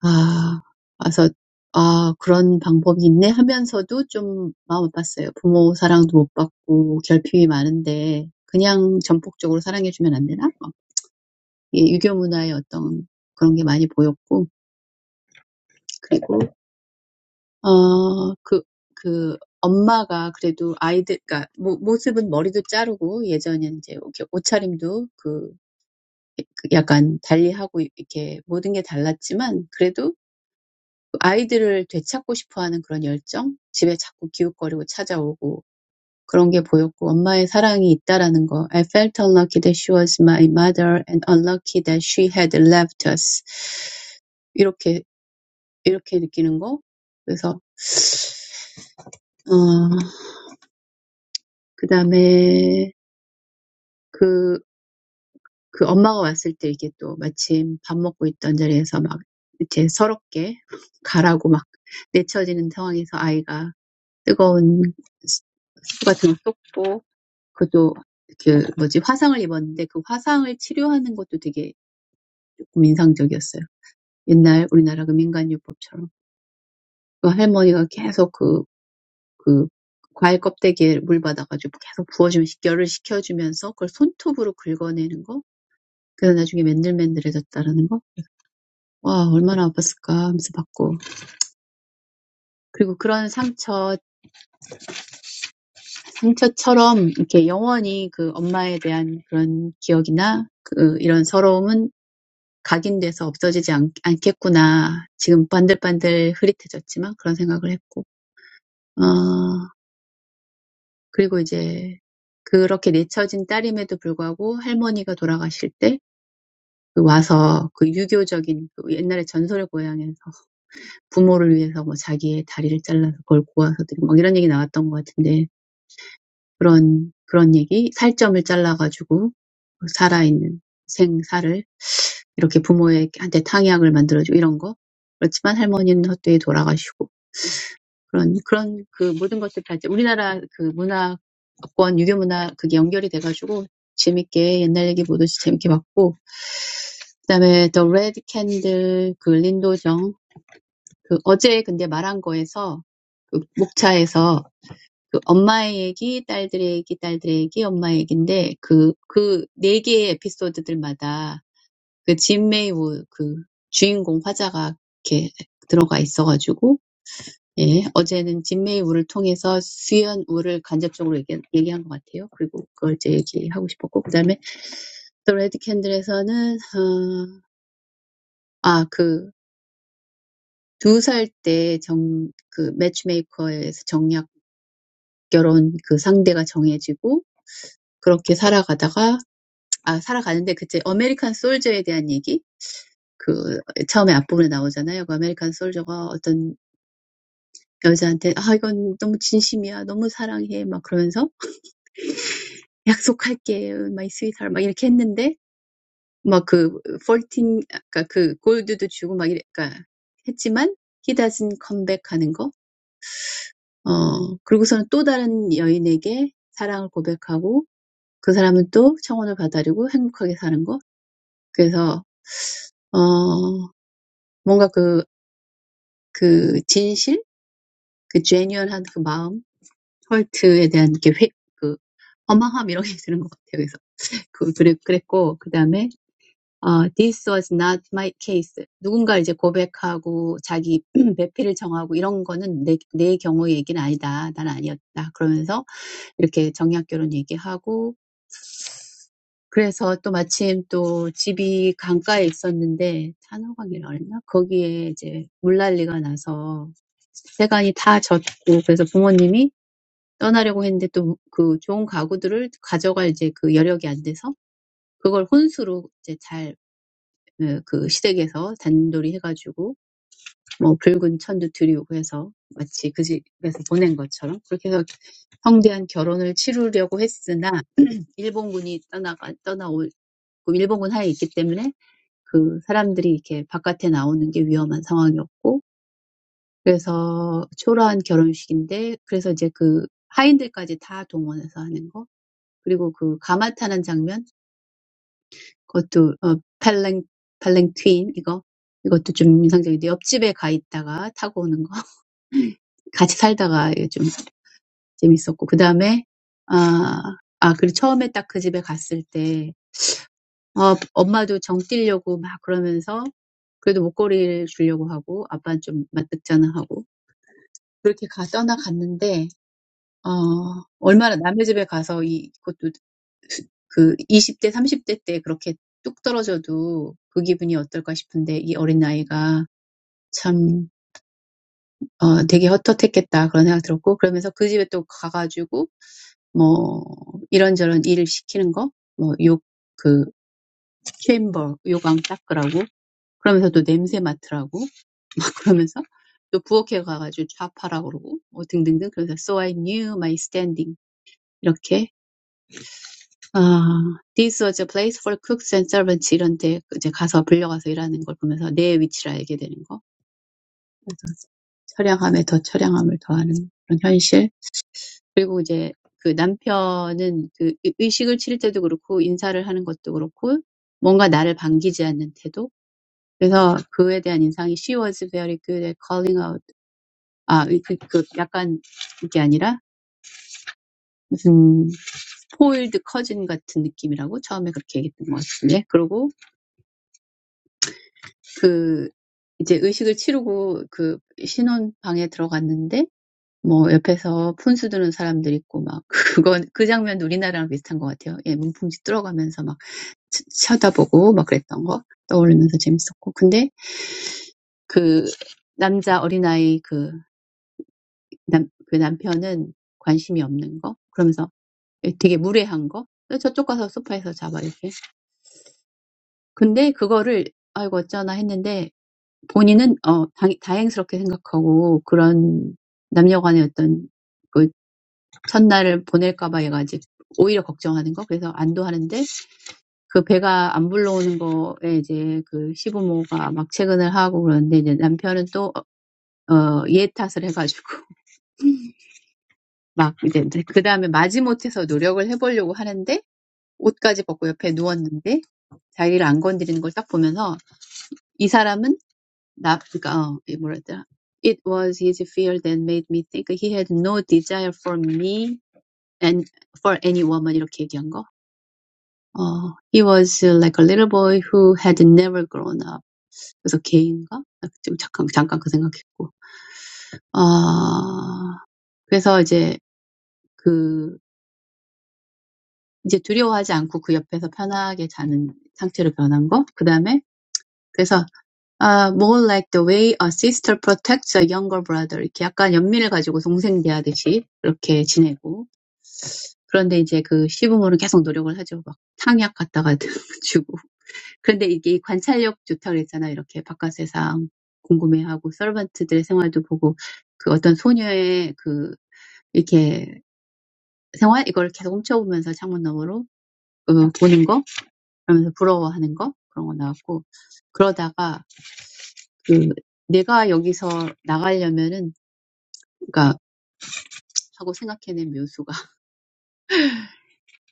아, 와서, 아, 그런 방법이 있네 하면서도 좀 마음 아팠어요. 부모 사랑도 못 받고 결핍이 많은데 그냥 전폭적으로 사랑해주면 안 되나? 막 이게 유교 문화의 어떤 그런 게 많이 보였고, 그리고, 어, 그, 그, 엄마가 그래도 아이들, 그러니까 모, 모습은 머리도 자르고 예전엔 이제 이렇게 옷차림도 그, 그 약간 달리하고 이렇게 모든 게 달랐지만 그래도 아이들을 되찾고 싶어하는 그런 열정? 집에 자꾸 기웃거리고 찾아오고 그런 게 보였고 엄마의 사랑이 있다라는 거. I felt unlucky that she was my mother and unlucky that she had left us. 이렇게 이렇게 느끼는 거. 그래서 어, 그다음에 그, 그 엄마가 왔을 때 이게 또 마침 밥 먹고 있던 자리에서 막 이제 서럽게 가라고 막 내쳐지는 상황에서 아이가 뜨거운 수프 같은 거 쏟고 그것도 그 뭐지 화상을 입었는데 그 화상을 치료하는 것도 되게 조금 인상적이었어요. 옛날 우리나라 그 민간요법처럼 그 할머니가 계속 그, 그 과일 껍데기에 물 받아가지고 계속 부어주면서 열을 식혀주면서 그걸 손톱으로 긁어내는 거 그래서 나중에 맨들맨들해졌다라는 거. 와, 얼마나 아팠을까 하면서 봤고. 그리고 그런 상처, 상처처럼 이렇게 영원히 그 엄마에 대한 그런 기억이나 그 이런 서러움은 각인돼서 없어지지 않, 않겠구나. 지금 반들반들 흐릿해졌지만 그런 생각을 했고, 어, 그리고 이제 그렇게 내쳐진 딸임에도 불구하고 할머니가 돌아가실 때그 와서 그 유교적인 그 옛날에 전설의 고향에서 부모를 위해서 뭐 자기의 다리를 잘라서 그걸 고아서 드리고 막 이런 얘기 나왔던 것 같은데 그런 그런 얘기 살점을 잘라가지고 살아있는 생사를 Like parents, make a Tangyak for them. But Grandma passed away. All those things are connected to our culture and Confucian culture. We enjoyed the old stories. Then there's Red Candles, Lindoeng. Yesterday, when I was talking, in the tea room, it was about motherhood. Each of the four episodes. Jim Maywo, the main character, is involved. Yesterday, Jim Maywo was talking about Sueyin Woo indirectly. I think that's what I wanted to talk about. And then in the third candle, when he was two years old, the matchmaker arranged a marriage for him. He lived like that until he met an American soldier. That's in the first part. The American soldier was like 그 여자한테 "아 이건 너무 진심이야. 너무 사랑해." 막 그러면서 "약속할게. My sweetheart." 막 이렇게 했는데 막그14 아까 그 골드도 주고 막 이래 그러니까 했지만 he doesn't come back 하는 거. 어 그리고서는 또 다른 여인에게 사랑을 고백하고 그 사람은 또 청혼을 받아들이고 행복하게 사는 거. 그래서 어 뭔가 그, 그 진실, 그 genuine한 그 마음, 헐트에 대한 이렇게 회, 그 허망함 이런 게 드는 것 같아요. 그- 그래- 그랬고 그다음에 어, this was not my case. 누군가 이제 고백하고 자기 배필을 정하고 이런 거는 내, 내 경우 얘기는 아니다. 난 아니었다. 그러면서 이렇게 정략 결혼 얘기하고 그래서 또 마침 또 집이 강가에 있었는데 산호강이라 그랬나? 거기에 이제 물난리가 나서 세간이 다 젖고 그래서 부모님이 떠나려고 했는데 또그 좋은 가구들을 가져갈 이제 그 여력이 안 돼서 그걸 혼수로 이제 잘 예, 그 시댁에서 단돌이 해가지고 뭐 붉은 천도 드리우고 해서 마치 그 집에서 보낸 것처럼 그렇게 해서 성대한 결혼을 치르려고 했으나 일본군이 떠나가 떠나올 그 일본군 하에 있기 때문에 그 사람들이 이렇게 바깥에 나오는 게 위험한 상황이었고 그래서 초라한 결혼식인데 그래서 이제 그 하인들까지 다 동원해서 하는 거 그리고 그 가마 타는 장면 그것도 어 팔랭 팔랭퀸 이거 이것도 좀 인상적인데 옆집에 가 있다가 타고 오는 거 같이 살다가 이게 좀 재밌었고 그 다음에 아, 아 그리고 처음에 딱그 집에 갔을 때 어, 엄마도 정 뛰려고 막 그러면서 그래도 목걸이를 주려고 하고 아빠는 좀 맞득잖아 하고 그렇게 가 떠나갔는데 어 얼마나 남의 집에 가서 이 그것도 그 20대 30대 때 그렇게 뚝 떨어져도 그 기분이 어떨까 싶은데 이 어린 나이가 참 어 되게 헛헛했겠다 그런 생각 들었고, 그러면서 그 집에 또 가가지고 뭐 이런저런 일을 시키는 거, 뭐 욕 그 챔버 요강 닦으라고 그러면서 또 냄새 맡으라고 그러면서 또 부엌에 가가지고 좌파라고 그러고 뭐 등등등. 그래서 So I knew my standing. 이렇게 아 This was a place for cooks and servants. 이런데 이제 가서 불려가서 일하는 걸 보면서 내 위치를 알게 되는 거. 철량함에 더 철량함을 더하는 그런 현실. 그리고 이제 그 남편은 그 의- 의식을 치를 때도 그렇고 인사를 하는 것도 그렇고 뭔가 나를 반기지 않는 태도. 그래서 그에 대한 인상이 she was very good at calling out. 아, 그, 그 약간 이게 아니라 무슨 foiled cousin 같은 느낌이라고 처음에 그렇게 얘기했던 것 같은데. 그리고 그 이제 의식을 치르고 그 신혼방에 들어갔는데 뭐 옆에서 푼수 드는 사람들 있고 막 그건 그 장면도 우리나라랑 비슷한 것 같아요. 예, 문풍지 뚫어가면서 막 쳐다보고 막 그랬던 거 떠올리면서 재밌었고. 근데 그 남자 어린아이 그 남, 그 남편은 관심이 없는 거? 그러면서 되게 무례한 거? 저쪽 가서 소파에서 자봐, 이렇게. 근데 그거를, 아이고, 어쩌나 했는데, 본인은, 어, 다, 다행스럽게 생각하고, 그런 남녀 간의 어떤 그 첫날을 보낼까봐 해가지고 오히려 걱정하는 거? 그래서 안도하는데, 그 배가 안 불러오는 거에 이제 그 시부모가 막 체근을 하고 그러는데 이제 남편은 또, 어, 얘 탓을 해가지고 막 이제, 그 다음에 마지못해서 노력을 해보려고 하는데 옷까지 벗고 옆에 누웠는데 자기를 안 건드리는 걸딱 보면서 이 사람은 나, 그니까, 어, 뭐라 했더라. It was his fear that made me think he had no desire for me and for any woman 이렇게 얘기한 거. 어, he was uh, like a little boy who had never grown up. 그래서 걔인가? 아, 잠깐, 잠깐 그 생각했고. 아, 그래서 이제 그, 이제 두려워하지 않고 그 옆에서 편하게 자는 상태로 변한 거. 그 다음에, 그래서, 아, more like the way a sister protects a younger brother. 이렇게 약간 연민을 가지고 동생 대하듯이 그렇게 지내고. 그런데 이제 그 시부모는 계속 노력을 하죠. 막 탕약 갖다가 주고. 그런데 이게 관찰력 좋다 그랬잖아요. 이렇게 바깥 세상 궁금해하고 서번트들의 생활도 보고 그 어떤 소녀의 그 이렇게 생활 이걸 계속 훔쳐보면서 창문 너머로 어, 보는 거 그러면서 부러워하는 거 그런 거 나왔고 그러다가 그 내가 여기서 나가려면은 그러니까 하고 생각해낸 묘수가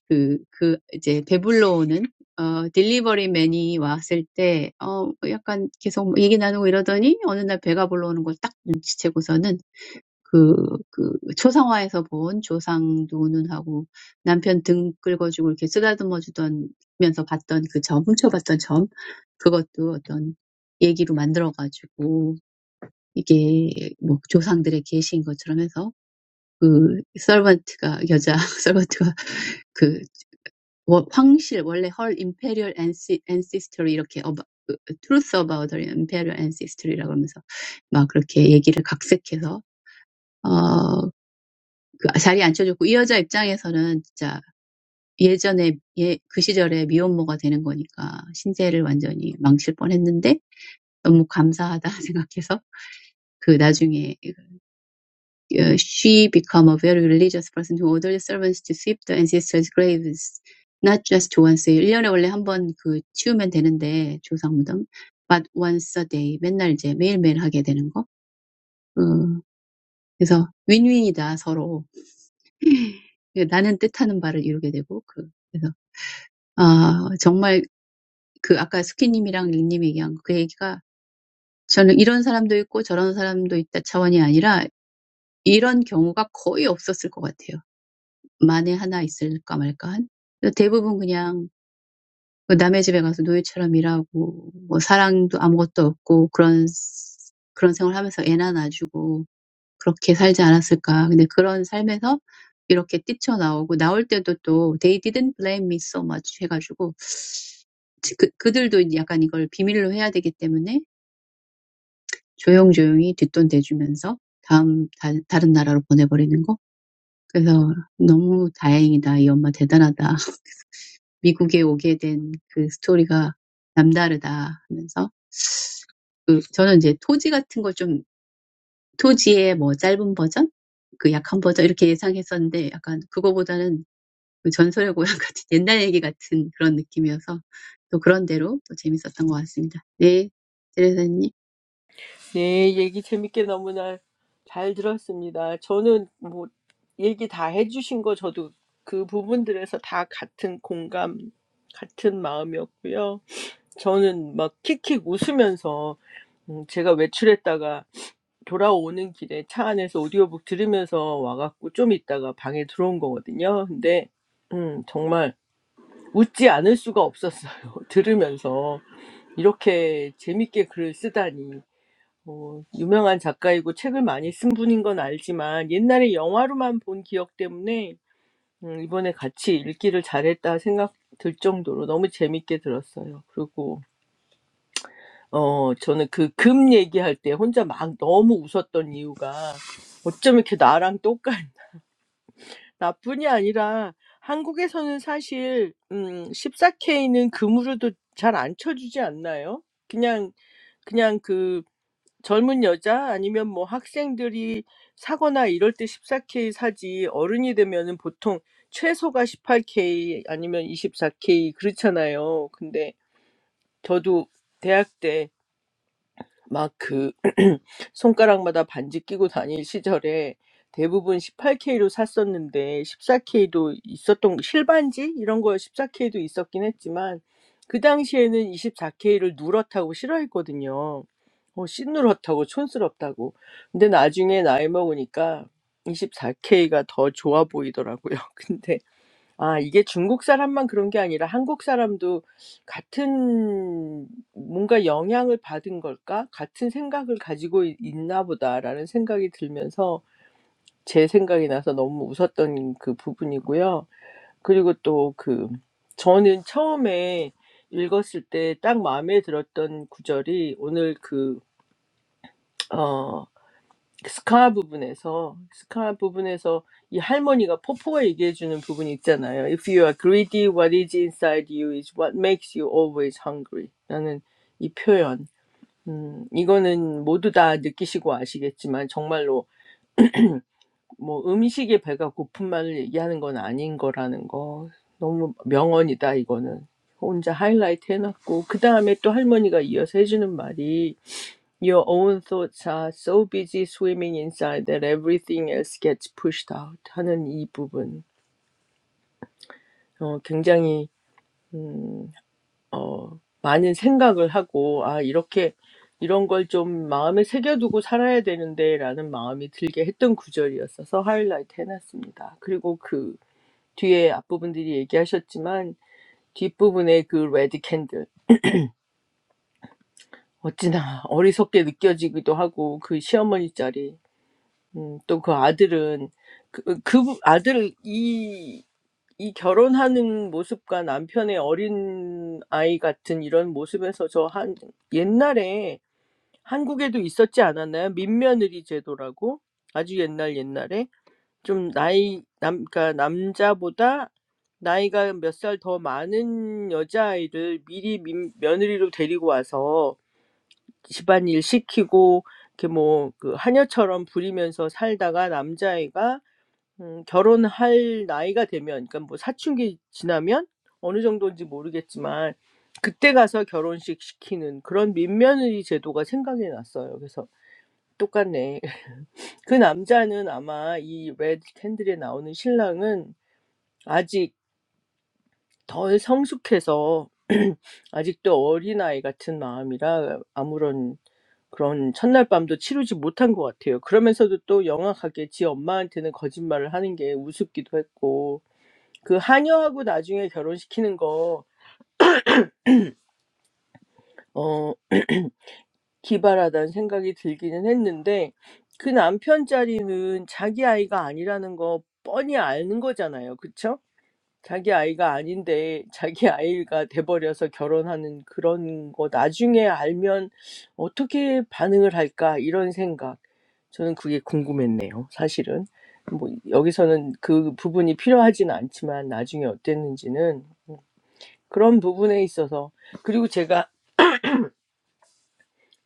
그그 이제 배불러 오는 어 딜리버리맨이 왔을 때어 약간 계속 얘기 나누고 이러더니 어느 날 배가 불러오는 걸딱 눈치채고서는 그, 그, 초상화에서 본 조상 누구 남편 등 긁어주고 이렇게 쓰다듬어 주던, 면서 봤던 그 점, 훔쳐봤던 점, 그것도 어떤 얘기로 만들어가지고, 이게 뭐 조상들의 계시인 것처럼 해서, 그, 서번트가, 여자, 서번트가 그, 워- 황실, 원래 헐 임페리얼 ancestry 이렇게 어바, 그, truth about the imperial ancestry라고 하면서 막 그렇게 얘기를 각색해서 그 자리에 앉혀줬고, 이 여자 입장에서는 진짜 예전에 예, 그 시절에 미혼모가 되는 거니까 신세를 완전히 망칠 뻔했는데 너무 감사하다 생각해서 그 나중에 She became a very religious person who owed her service to sweep the ancestors' graves not just once a year. 원래 한번 그 치우면 되는데 조상 무덤 but once a day, 맨날 이제 매일매일 하게 되는 거. 음, 그래서 win-win이다 서로. 나는 뜻하는 바를 이루게 되고 그 그래서. 아, 정말 그 아까 스키님이랑 링님 얘기한 그 얘기가 저는 이런 사람도 있고 저런 사람도 있다 차원이 아니라 이런 경우가 거의 없었을 것 같아요. 만에 하나 있을까 말까한. 대부분 그냥 그 남의 집에 가서 노예처럼 일하고 뭐 사랑도 아무것도 없고 그런 그런 생활하면서 애나 놔주고 그렇게 살지 않았을까. 근데 그런 삶에서 이렇게 뛰쳐나오고 나올 때도 또 they didn't blame me so much 해가지고 그, 그들도 약간 이걸 비밀로 해야 되기 때문에 조용조용히 뒷돈 대주면서 다음 다, 다른 나라로 보내버리는 거. 그래서 너무 다행이다. 이 엄마 대단하다. 미국에 오게 된그 스토리가 남다르다 하면서 그 저는 이제 토지 같은 걸좀 토지의 뭐 짧은 버전, 그 약한 버전 이렇게 예상했었는데 약간 그거보다는 그 전설의 고향 같은 옛날 얘기 같은 그런 느낌이어서 또 그런 대로 또 재밌었던 것 같습니다. 네, 제레사님.
네, 얘기 재밌게 너무나 잘 들었습니다. 저는 뭐 얘기 다 해주신 거 저도 그 부분들에서 다 같은 공감, 같은 마음이었고요. 저는 막 킥킥 웃으면서 음, 제가 외출했다가 돌아오는 길에 차 안에서 오디오북 들으면서 와갖고 좀 있다가 방에 들어온 거거든요. 근데 음, 정말 웃지 않을 수가 없었어요. 들으면서 이렇게 재밌게 글을 쓰다니. 뭐, 유명한 작가이고 책을 많이 쓴 분인 건 알지만 옛날에 영화로만 본 기억 때문에 음, 이번에 같이 읽기를 잘했다 생각 들 정도로 너무 재밌게 들었어요. 그리고 어 저는 그 금 얘기할 때 혼자 막 너무 웃었던 이유가 어쩜 이렇게 나랑 똑같 나뿐이 아니라 한국에서는 사실 음 14K는 금으로도 잘안 쳐주지 않나요? 그냥 그냥 그 젊은 여자 아니면 뭐 학생들이 사거나 이럴 때 14K 사지 어른이 되면은 보통 최소가 18K 아니면 24K 그렇잖아요. 근데 저도 대학 때 막 그 손가락마다 반지 끼고 다닐 시절에 대부분 18K로 샀었는데 14K도 있었던 실반지 이런 거 14K도 있었긴 했지만 그 당시에는 24K를 누렇다고 싫어했거든요. 어, 씨누렇다고 촌스럽다고. 근데 나중에 나이 먹으니까 24K가 더 좋아 보이더라고요. 근데 아 이게 중국 사람만 그런 게 아니라 한국 사람도 같은 뭔가 영향을 받은 걸까? '같은 생각을 가지고 있 있나 보다.'라는 생각이 들면서 제 생각이 나서 너무 웃었던 그 부분이고요. 그리고 또 그 저는 처음에 읽었을 때 딱 마음에 들었던 구절이 오늘 그어 스카 부분에서 스카 부분에서 이 할머니가 포포가 얘기해 주는 부분이 있잖아요. If you are greedy, what is inside you is what makes you always hungry. 나는 이 표현, 음, 이거는 모두 다 느끼시고 아시겠지만 정말로 뭐 음식에 배가 고픈 말을 얘기하는 건 아닌 거라는 거 너무 명언이다 이거는 혼자 하이라이트 해놨고 그 다음에 또 할머니가 이어서 해주는 말이 your own thoughts are so busy swimming inside that everything else gets pushed out 하는 이 부분. 어, 굉장히, 음, 어, 많은 생각을 하고, 아, 이렇게, 이런 걸좀 마음에 새겨두고 살아야 되는데라는 마음이 들게 했던 구절이었어서 하이라이트 해놨습니다. 그리고 그 뒤에 앞부분들이 얘기하셨지만, 뒷부분에 그 레드 캔들. 어찌나 어리석게 느껴지기도 하고, 그 시어머니 자리. 음, 또그 아들은 그, 그 부- 아들 이, 이 결혼하는 모습과 남편의 어린 아이 같은 이런 모습에서 저 한 옛날에 한국에도 있었지 않았나요? 민며느리 제도라고 아주 옛날 옛날에 좀 나이 남 그러니까 남자보다 나이가 몇 살 더 많은 여자아이를 미리 민, 며느리로 데리고 와서 집안일 시키고 이렇게 뭐그 하녀처럼 부리면서 살다가 남자애가 음 결혼할 나이가 되면 그러니까 뭐 사춘기 지나면 어느 정도인지 모르겠지만 그때 가서 결혼식 시키는 그런 민며느리 제도가 생각이 났어요. 그래서 똑같네. 그 남자는 아마 이 레드 캔들에 나오는 신랑은 아직 덜 성숙해서 아직도 어린아이 같은 마음이라 아무런 그런 첫날 밤도 치르지 못한 것 같아요. 그러면서도 또 영악하게 지 엄마한테는 거짓말을 하는 게 우습기도 했고 그 한여하고 나중에 결혼시키는 거, 어, 기발하다는 생각이 들기는 했는데, 그 남편 자리는 자기 아이가 아니라는 거 뻔히 아는 거잖아요. 그쵸? 자기 아이가 아닌데, 자기 아이가 돼버려서 결혼하는 그런 거 나중에 알면 어떻게 반응을 할까? 이런 생각. 저는 그게 궁금했네요. 사실은. 뭐, 여기서는 그 부분이 필요하진 않지만, 나중에 어땠는지는 그런 부분에 있어서 그리고 제가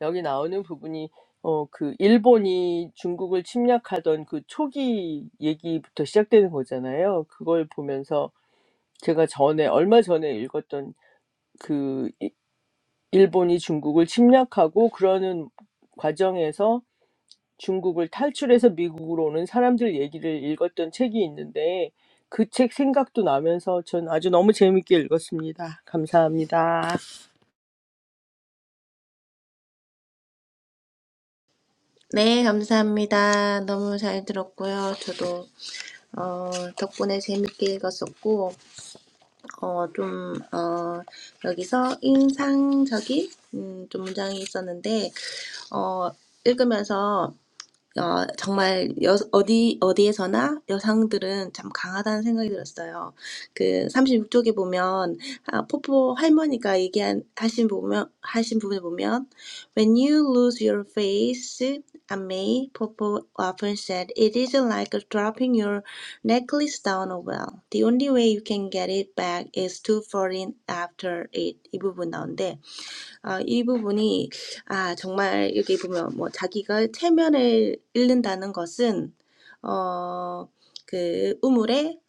여기 나오는 부분이 어, 그 일본이 중국을 침략하던 그 초기 얘기부터 시작되는 거잖아요. 그걸 보면서 제가 전에 얼마 전에 읽었던 그 이- 일본이 중국을 침략하고 그러는 과정에서 중국을 탈출해서 미국으로 오는 사람들 얘기를 읽었던 책이 있는데 그 책 생각도 나면서 전 아주 너무 재밌게 읽었습니다. 감사합니다.
네, 감사합니다. 너무 잘 들었고요. 저도 어, 덕분에 재밌게 읽었었고, 어, 좀, 어, 여기서 인상적인, 음, 좀 문장이 있었는데, 어, 읽으면서 어, 정말 여, 어디, 어디에서나 여성들은 참 강하다는 생각이 들었어요. 그 36쪽에 보면, 아, 포포 할머니가 얘기한, 하신 보면, 하신 부분을 보면, When you lose your face, I may, Popo often said, it isn't like dropping your necklace down a well. The only way you can get it back is to fall in after it. 이 부분 나오는데, 아, 이 부분이 아, 정말 여기 보면 뭐 자기가 체면을 잃는다는 것은 어, 그 우물에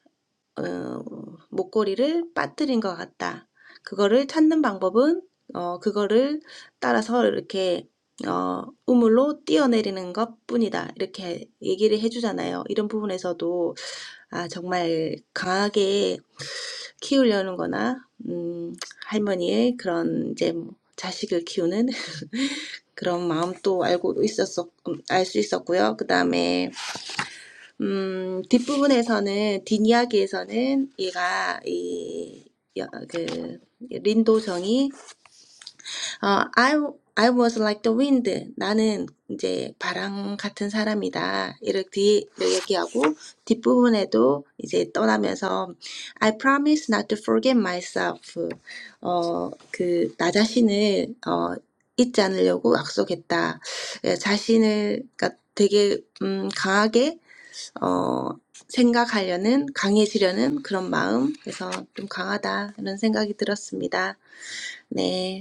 어, 목걸이를 빠뜨린 것 같다. 그거를 찾는 방법은 어, 그거를 따라서 이렇게 어, 우물로 뛰어내리는 것뿐이다. 이렇게 얘기를 해주잖아요. 이런 부분에서도 아, 정말 강하게 키우려는 거나 음, 할머니의 그런 이제 뭐 자식을 키우는 그런 마음도 알고 있었어, 알 수 있었고요. 그 다음에, 음, 뒷부분에서는, 뒷이야기에서는 얘가, 이, 여, 그, 린도정이 어, I, I was like the wind. 나는 이제 바람 같은 사람이다. 이렇게 뒤- 얘기하고 뒷부분에도 이제 떠나면서 I promise not to forget myself. 어, 그, 나 자신을, 어, 잊지 않으려고 약속했다. 예, 자신을, 그러니까 되게, 음, 강하게, 어, 생각하려는, 강해지려는 그런 마음. 그래서 좀 강하다. 이런 생각이 들었습니다. 네.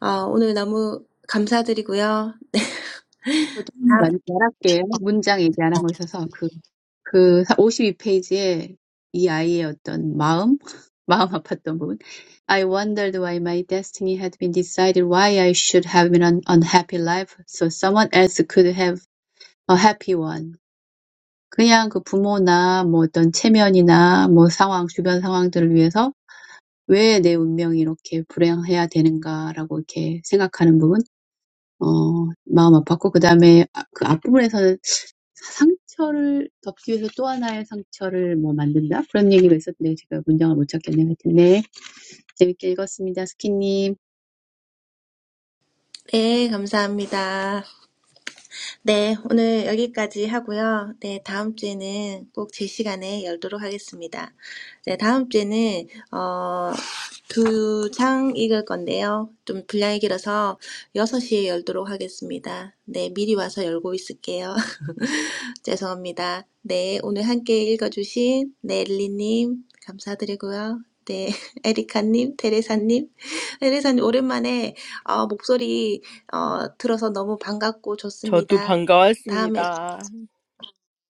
아, 오늘 너무 감사드리고요. 네,
저도 많이 말할게요. 문장 얘기 안 하고 있어서 그, 그 52페이지에 이 아이의 어떤 마음, 마음 아팠던 부분. I wondered why my destiny had been decided, why I should have been an unhappy life so someone else could have a happy one. 그냥 그 부모나 뭐 어떤 체면이나 뭐 상황, 주변 상황들을 위해서 왜 내 운명이 이렇게 불행해야 되는가라고 이렇게 생각하는 부분, 어, 마음 아팠고, 그 다음에 그 앞부분에서는 상처를 덮기 위해서 또 하나의 상처를 뭐 만든다? 그런 얘기가 있었는데 제가 문장을 못 찾겠네요. 하여튼, 네. 재밌게 읽었습니다. 스키님.
네, 감사합니다. 네, 오늘 여기까지 하고요. 네, 다음 주에는 꼭 제 시간에 열도록 하겠습니다. 네, 다음 주에는 어, 두 장 읽을 건데요. 좀 분량이 길어서 여섯 시에 열도록 하겠습니다. 네, 미리 와서 열고 있을게요. 죄송합니다. 네, 오늘 함께 읽어주신 넬리님 감사드리고요. 네, 에리카님, 테레사님, 테레사님 오랜만에 어, 목소리 어, 들어서 너무 반갑고
저도
좋습니다. 다음에,
반가웠습니다.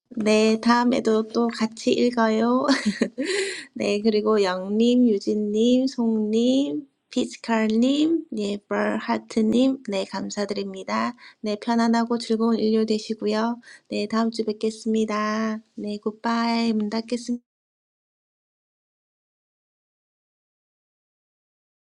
네, 다음에도 또 같이 읽어요. 네, 그리고 영님, 유진님, 송님, 피지컬님, 예, 벌하트님, 네, 감사드립니다. 네, 편안하고 즐거운 일요 되시고요. 네, 다음 주 뵙겠습니다. 네, 굿바이, 문 닫겠습니다.